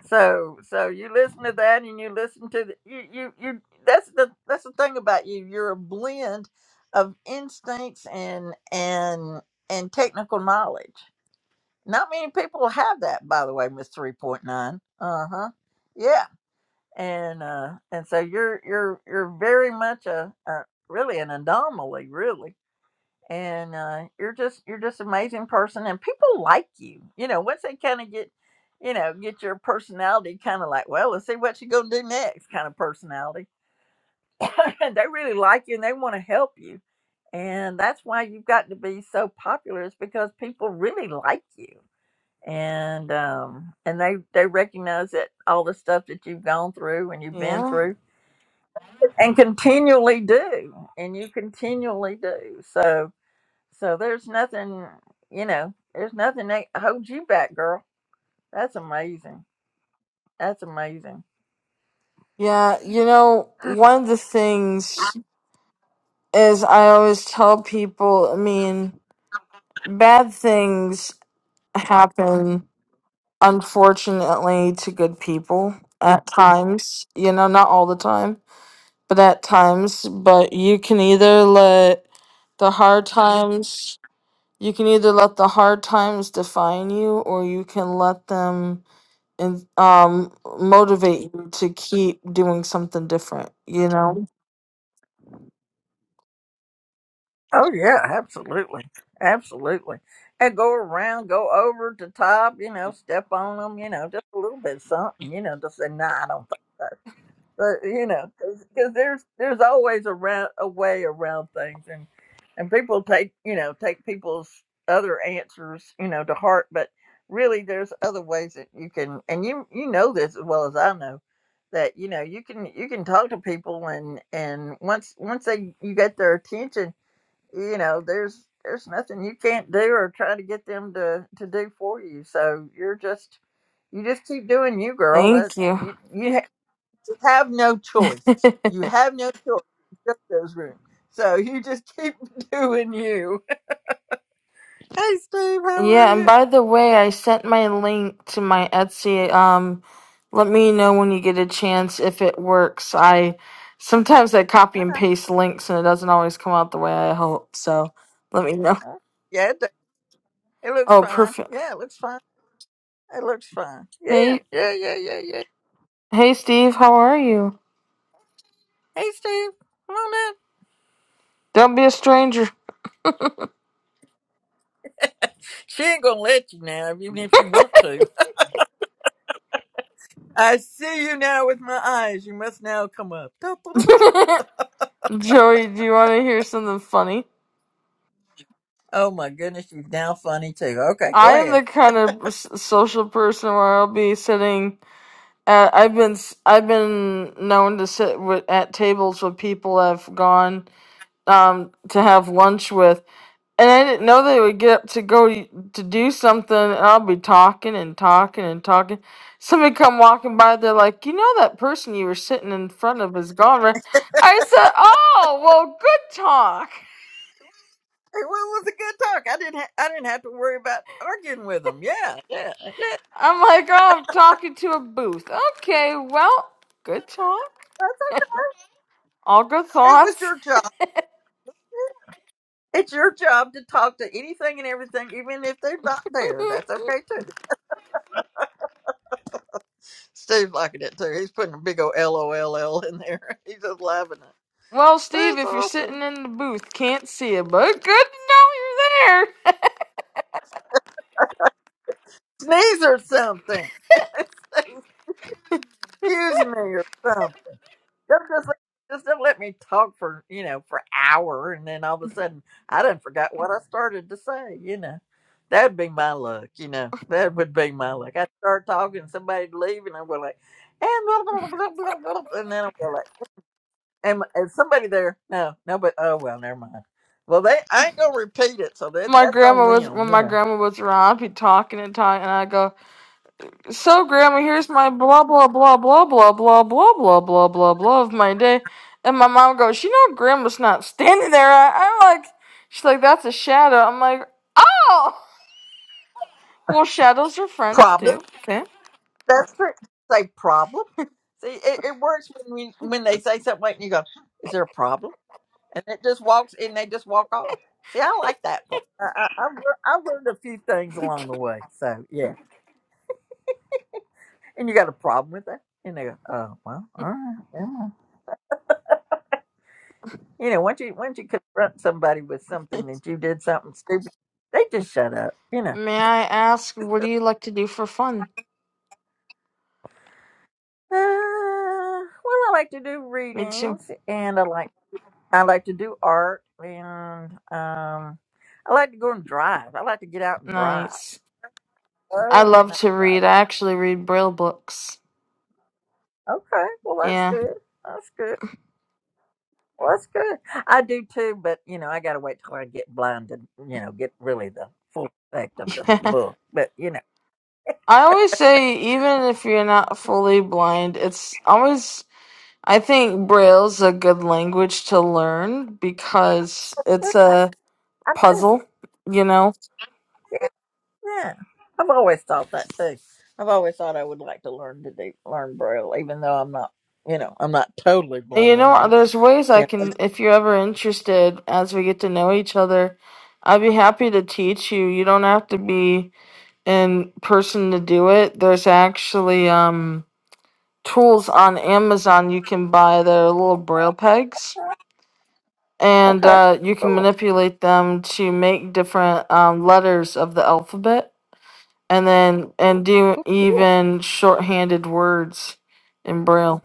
So so you listen to that and you listen to the, you you you that's the that's the thing about you. You're a blend of instincts and and and technical knowledge. Not many people have that, by the way, Miss Three Point Nine. Uh huh. Yeah. And uh and so you're you're you're very much a, a really an anomaly, really and uh, you're just you're just an amazing person and people like you you know once they kind of get you know get your personality kind of like well let's see what you gonna do next kind of personality they really like you and they want to help you and that's why you've got to be so popular is because people really like you and um and they they recognize that all the stuff that you've gone through and you've been
"Yeah,
through and continually do and you continually do so so there's nothing, you know, there's nothing that holds you back, girl. That's amazing. That's amazing.
yeah." You know, one of the things is I always tell people. I mean, bad things happen unfortunately to good people at Mhm. times you know not all the time but at times but you can either let the hard times you can either let the hard times define you or you can let them and um motivate you to keep doing something different you know
Oh yeah, absolutely, absolutely. And go around, go over to top, you know, step on them, you know, just a little bit of something, you know, just say, nah, I don't think. so. but you know, because there's there's always around a a way around things, and and people take you know take people's other answers you know to heart, but really there's other ways that you can, and you you know this as well as I know that you know you can you can talk to people and and once once they you get their attention, you know there's there's nothing you can't do or try to get them to to do for you. So you're just you just keep doing you, girl. That
thank you
you you you have no choice. You have no choice. Just those rooms. So you just keep doing you. Hey, Steve, how are
Yeah, and
you?
by the way, I sent my link to my Etsy. Um, let me know when you get a chance if it works. I sometimes I copy and
Uh-huh.
paste links and it doesn't always come out the way I hope. So let me know.
Uh, Yeah, it, do- it looks
Oh,
fine.
perfect.
Yeah, it looks fine. It looks fine. Yeah,
Hey,
yeah, yeah, yeah, yeah.
hey, Steve, how are you?
Hey, Steve, come on up.
Don't be a stranger.
She ain't gonna let you now, even if you want to. I see you now with my eyes. You must now come up. Da, da, da, da.
Joey, do you want to hear something funny?
Oh my goodness, she's now funny too. Okay,
I
go
am
ahead.
the kind of s- social person where I'll be sitting Uh, I've been s- I've been known to sit with, at tables with people I've gone um, to have lunch with, and I didn't know they would get up to go y- to do something, and I'll be talking and talking and talking. Somebody come walking by, they're like, "You know that person you were sitting in front of is gone." right?" I said, "Oh, well, good talk."
It was a good talk. I didn't. Ha- I didn't have to worry about arguing with them. Yeah, yeah, yeah.
I'm like, "Oh, I'm talking to a booth." Okay, well, good talk.
That's okay.
All good
It was
thoughts.
your job. It's your job to talk to anything and everything, even if they're not there. That's okay too. Steve's liking it too. He's putting a big old LOLL in there. He's just laughing at. it.
Well, Steve,
That's
if you're
awesome.
sitting in the booth, can't see it, but good to know you're there.
Sneeze or something. Excuse me or something. Just, just, just don't let me talk for, you know, for an hour and then all of a sudden I done forgot what I started to say, you know. That'd be my luck, you know. That would be my luck. I'd start talking, somebody'd leave and I'd be like, and blah, blah, blah, blah, blah, blah," and then I'd be like, and, and somebody there, no, no, but, oh, well, never mind. Well, they, I ain't gonna repeat it, so that
My
that's on
grandma was
them,
when
you
my
know.
grandma was around, I'd be talking and talking, and I go, "So, grandma, here's my blah blah blah blah blah blah blah blah blah blah blah of my day," and my mom goes, "You know, grandma's not standing there." I, I'm like, she's like, "That's a shadow." I'm like, "Oh, well, shadows are friends
Problem.
too." Okay.
That's true. Say problem. See, it, it works when we, when they say something like, and you go, is there a problem? and it just walks and they just walk off. See, I like that part. I, I, I've, lear- I've learned a few things along the way. So yeah, and you got a problem with that? And they go, oh well, all right, never mind." You know, once you once you confront somebody with something that you did something stupid, they just shut up. You know.
May I ask, what do you like to do for fun?
Uh, well, I like to do
Me too.
readings, and I like I like to do art, and um, I like to go and drive. I like to get out and drive.
Nice. I
Love getting
love
out
to
and
read.
driving.
I actually read Braille books.
Okay, well that's
Yeah.
good. That's good. Well, that's good. I do too, but you know, I gotta wait till I get blind to you know get really the full effect of the,
Yeah.
book. But you know,
I always say, even if you're not fully blind, it's always, I think Braille's a good language to learn because it's a
I,
puzzle, you know?
yeah, yeah, I've always thought that too. I've always thought I would like to learn to do learn braille, even though I'm not, you know, I'm not totally
And you
blind.
know,
But
there's ways I
yeah,
can, if you're ever interested, as we get to know each other, I'd be happy to teach you. You don't have to be in person to do it. There's actually, um, tools on Amazon you can buy that are little braille pegs, and
okay,
uh, you can
cool.
manipulate them to make different um, letters of the alphabet, and then and do
cool.
even shorthanded words in braille.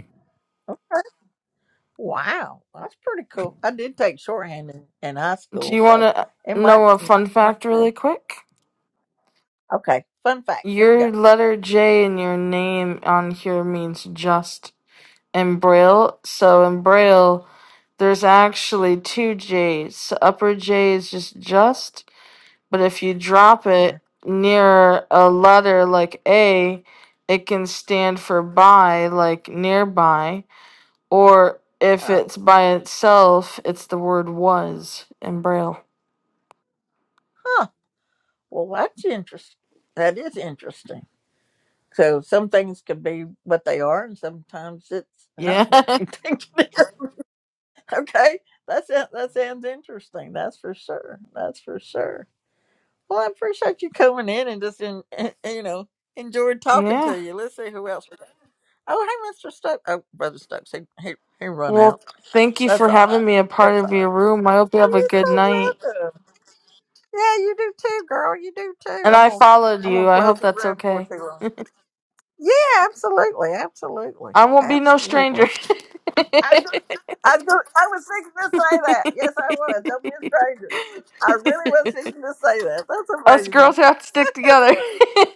Wow, that's pretty cool. I did take shorthand in, in high
Do
school,
you want
so
to
it might.
know
be-
a
it might
fun
be my
fact
thing.
really quick?
Okay, fun fact. Here we go.
Your letter J in your name on here means just in braille. So in braille, there's actually two J's. So upper J is just just, But if you drop
Yeah.
it near a letter like A, it can stand for by, like nearby. Or if
Huh.
it's by itself, it's the word was in Braille.
Huh. Well, that's interesting. That is interesting. So some things can be what they are, and sometimes it's not
Yeah.
what you think it is. Okay, that's it. That sounds interesting. That's for sure. That's for sure. Well, I appreciate you coming in and just in, you know enjoyed talking
yeah.
to you. Let's see who else we got. Oh, hey, Mr. Stokes. Oh, Brother Stokes. He, he he run out.
Well, thank you
That's
for
all
having me a
right.
part
That's all
of
right.
your room. I hope you have a good night.
You're so welcome. Yeah, you do too, girl. You do too.
And
I'm
I
gonna
followed
I'm
you.
gonna
I
close
hope
the
that's
room for
okay.
too long. Yeah, absolutely, absolutely,
I won't be no stranger.
absolutely. I do, I was thinking to say that. Yes, I was. Don't be a stranger. I really was thinking to say that. That's
Us girls
amazing.
have to stick together.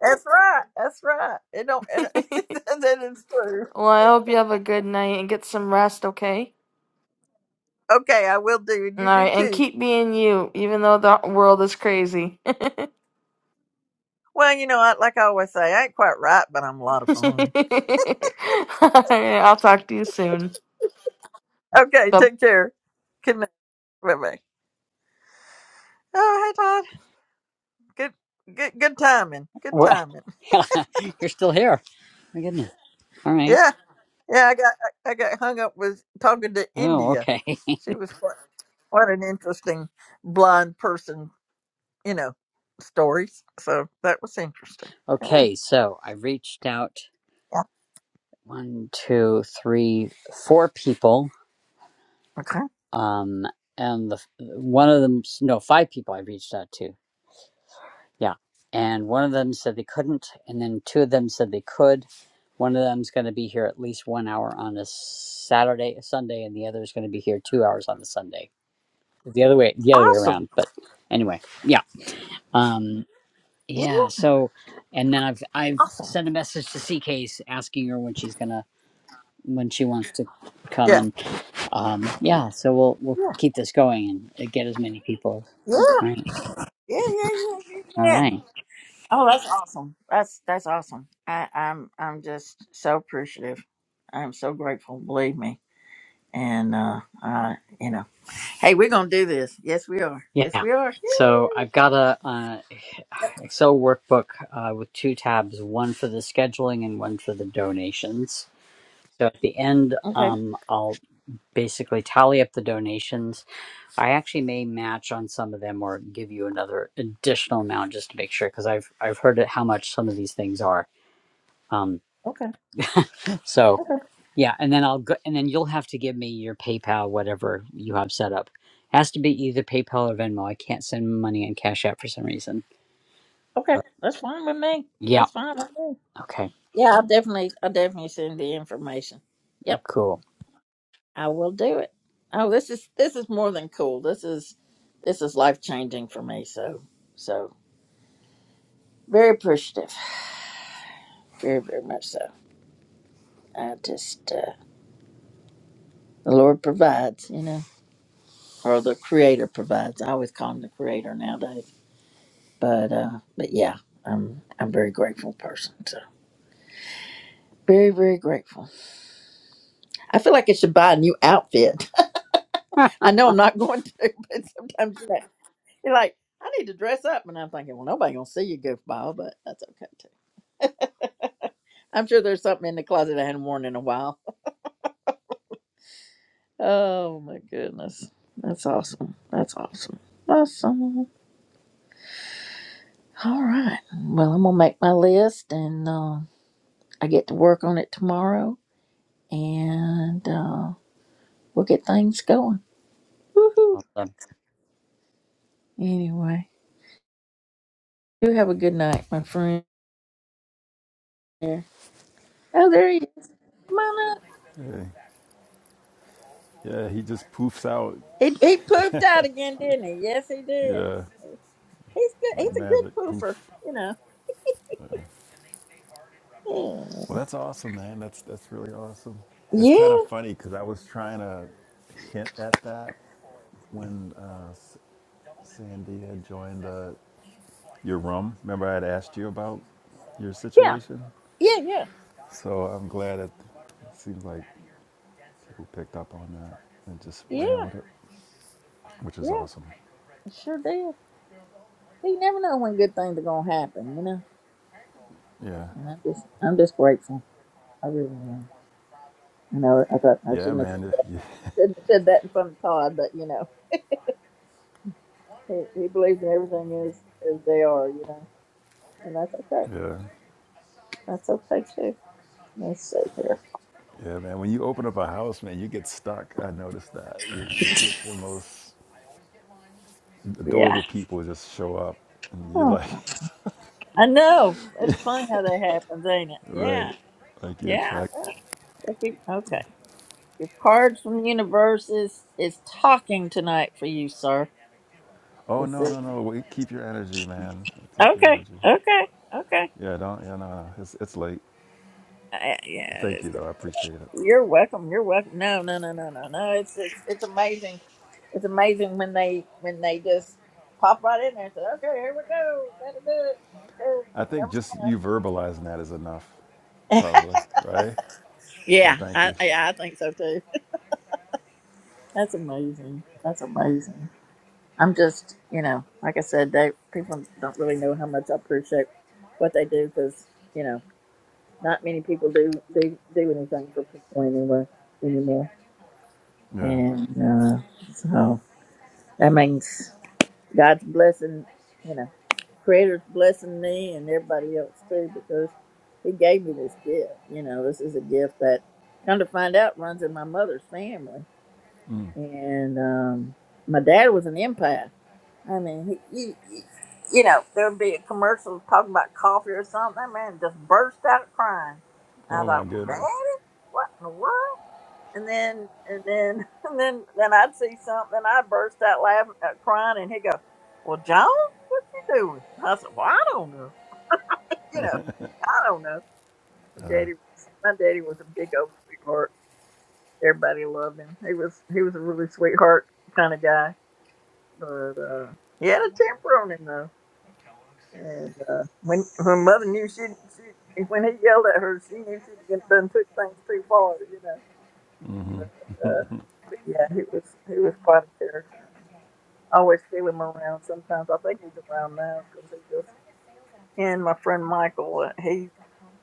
That's right. That's right. It don't. It, that is true.
Well, I hope you have a good night and get some rest, okay?
Okay, I will do, and
All
you
right,
do
and
too.
keep being you, even though the world is crazy.
Well, you know, I, like I always say, I ain't quite right, but I'm a lot of
All
fun.
right, I'll talk to you soon.
Okay,
Bye.
take care. Good night. Bye bye. Oh, hey Todd. Good, good, good timing. Good timing.
We're- you're still here. My goodness. All right.
Yeah. Yeah, I got I I got hung up with talking to
Oh,
India.
okay.
She was quite, quite an interesting blind person, you know, stories. So that was interesting. Yeah.
Okay, so I reached out
yeah.
one, two, three, four people.
Okay.
Um, and the one of them, no, five people I reached out to Yeah. And one of them said they couldn't, and then two of them said they could. One of them's going to be here at least one hour on a Saturday, a Sunday, and the other is going to be here two hours on the Sunday. The other way, the other way
Awesome.
around. But anyway, yeah, um,
Yeah.
yeah. So, and then I've I've
Awesome.
sent a message to C Case asking her when she's gonna when she wants to come,
Yeah.
and um, yeah. So we'll we'll
Yeah.
keep this going and uh, get as many people.
Yeah. Yeah.
Right.
Yeah. Yeah. Yeah.
All
yeah.
right.
Oh, that's awesome. That's that's awesome. I, I'm I'm just so appreciative. I'm so grateful. Believe me. And uh, uh, you know, hey, we're gonna do this. Yes, we are. Yes,
Yeah.
we are.
So I've got a. uh, Excel workbook uh, with two tabs, one for the scheduling and one for the donations. So at the end,
Yeah. Okay.
um, I'll basically tally up the donations. I actually may match on some of them or give you another additional amount just to make sure because I've I've heard it, how much some of these things are. Um, so
Okay.
yeah, and then I'll go and then you'll have to give me your PayPal, whatever you have set up. It has to be either PayPal or Venmo. I can't send money on Cash App for some reason.
Okay, that's fine with me.
Yeah.
That's fine with me.
Okay.
Yeah, I'll definitely, I'll definitely send the information. Yep,
Cool.
I will do it. Oh, this is this is more than cool. This is this is life changing for me. So so very appreciative, very very much so. I just uh, the Lord provides, you know, or the Creator provides. I always call him the Creator nowadays. But uh, but yeah, I'm I'm a very grateful person. So very very grateful. I feel like I should buy a new outfit.
Huh.
I know I'm not going to, but sometimes you're like, you're like, I need to dress up. And I'm thinking, well, nobody going to see you, goofball, but that's okay too. I'm sure there's something in the closet I hadn't worn in a while. Oh my goodness. That's awesome. That's awesome. Awesome. All right. Well, I'm going to make my list and uh, I get to work on it tomorrow and uh, we'll get things going. Woohoo.
Awesome.
Anyway, you have a good night, my friend. Oh, there he is. Come on up.
Yeah, yeah, he just poofs out.
He he poofed out again, didn't he? Yes, he did.
Yeah,
He's good.
like
He's a
magic,
good poofer,
poof.
you know.
Well, that's awesome, man. That's that's really awesome. It's
Yeah,
kind of funny because I was trying to hint at that when uh, S- Sandy had joined uh, your room. Remember, I had asked you about your
yeah,
situation.
yeah, yeah,
So I'm glad that it seems like people picked up on that and just
yeah,
ran
yeah.
with it, which is
Yeah.
awesome.
I sure did. You never know when good things are gonna happen, you know.
Yeah,
And I'm just, I'm just grateful. I really am. I know. I thought I
yeah,
shouldn't have said
man.
that.
Yeah,
Shouldn't have said that in front of Todd, but you know, he, he believes in everything as as they are, you know, and that's okay.
yeah.
That's okay too. Let's see here.
Yeah, man. When you open up a house, man, you get stuck. I noticed that. You, you get the most
Yeah.
adorable people just show up, and you're like,
I know. It's funny how that happens, ain't it? Yeah.
right, like you
Yeah.
attract.
I think- Okay. Your cards from the universe is, is talking tonight for you, sir.
Oh
It's
no,
a,
no, no. Wait, keep your energy, man. Keep your
okay.
energy.
Okay. Okay.
Yeah, don't. Yeah, no, no. It's it's late.
Uh, yeah, yeah, it
Thank
is.
you, though. I appreciate it.
You're welcome. You're welcome. No, no, no, no, no, no. It's, it's it's amazing. It's amazing when they when they just pop right in there and say, "Okay, here we go. Got to do it." Okay,
I think just you verbalizing that is enough,
never mind.
probably. Right. So
yeah,
thank
I,
you.
I I think so too. That's amazing. That's amazing. I'm just, you know, like I said, they people don't really know how much I appreciate what they do because, you know, not many people do do do anything for people anywhere anymore.
Yeah.
And uh, so that means God's blessing, you know, Creator's blessing me and everybody else too because He gave me this gift. You know, this is a gift that, come to find out, runs in my mother's family
Mm.
and um, my dad was an empath. I mean, he, you, you you know, there would be a commercial talking about coffee or something. That man just burst out crying. I
Oh my
thought, well,
goodness.
Daddy, what in the world? And then, and then, and then, then I'd see something, and I'd burst out laughing, uh, crying, and he'd go, "Well, John, what you doing?" I said, "Well, I don't know. You know, I don't know." My daddy was, my daddy was a big old sweetheart. Everybody loved him. He was, he was a really sweetheart kind of guy but uh, he had a temper on him though. And uh, when her mother knew she she when he yelled at her, she knew she'd get done took things too far, you know. But uh, but yeah, he was he was quite a character. I always feel him around. Sometimes I think he's around now because he just he and my friend Michael. uh, He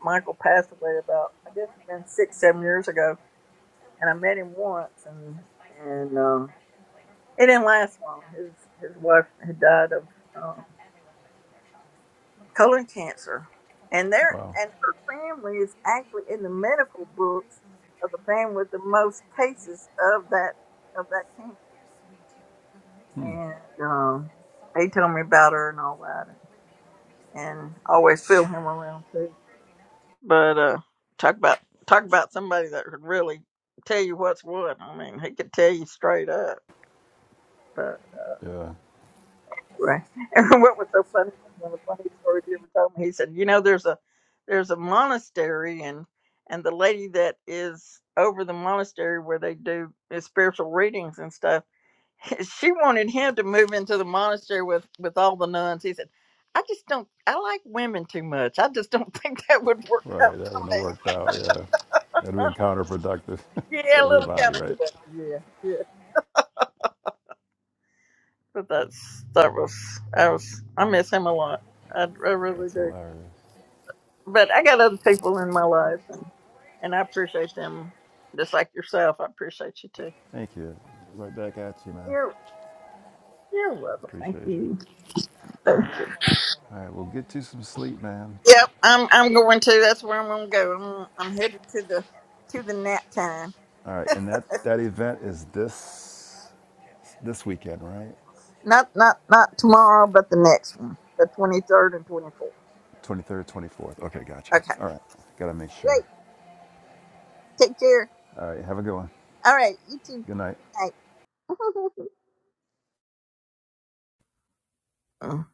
Michael passed away about I guess it's been six seven years ago, and I met him once, and and um, it didn't last long. His his wife had died of. um, colon cancer, and their
Wow.
and her family is actually in the medical books of the family with the most cases of that of that cancer. And um, they told me about her and all that, and, and I always feel him around too. But uh, talk about talk about somebody that could really tell you what's what. I mean, he could tell you straight up.
Yeah.
Right. And what was so funny was one of the funniest stories he ever told me. He said, "You know, there's a there's a monastery, and and the lady that is over the monastery where they do the spiritual readings and stuff, she wanted him to move into the monastery with with all the nuns." He said, "I just don't. I like women too much. I just don't think that would work
Right.
out
That
for
wouldn't have
me."
worked out. Yeah. That'd have been counterproductive for
Yeah, a little
everybody,
counterproductive.
right?
Yeah, yeah. But that's that was I was I miss him a lot. I, I really
That's
do.
hilarious.
but I got other people in my life, and I appreciate them just like yourself. I appreciate you too.
Thank you. Right back at you, man.
You're you're welcome. Thank
Appreciate you.
you. Thank you.
All right. We'll get you some sleep, man.
Yep, I'm I'm going to. That's where I'm going to go. I'm, I'm headed to the to the nap time.
All right. And that that event is this this weekend, right?
Not not not tomorrow, but the next one, the 23rd and 24th.
23rd, 24th. Okay, gotcha.
Okay.
All right. Got to make sure.
Great. Take care.
All right. Have a good one.
All right. You too.
Good night.
Good night.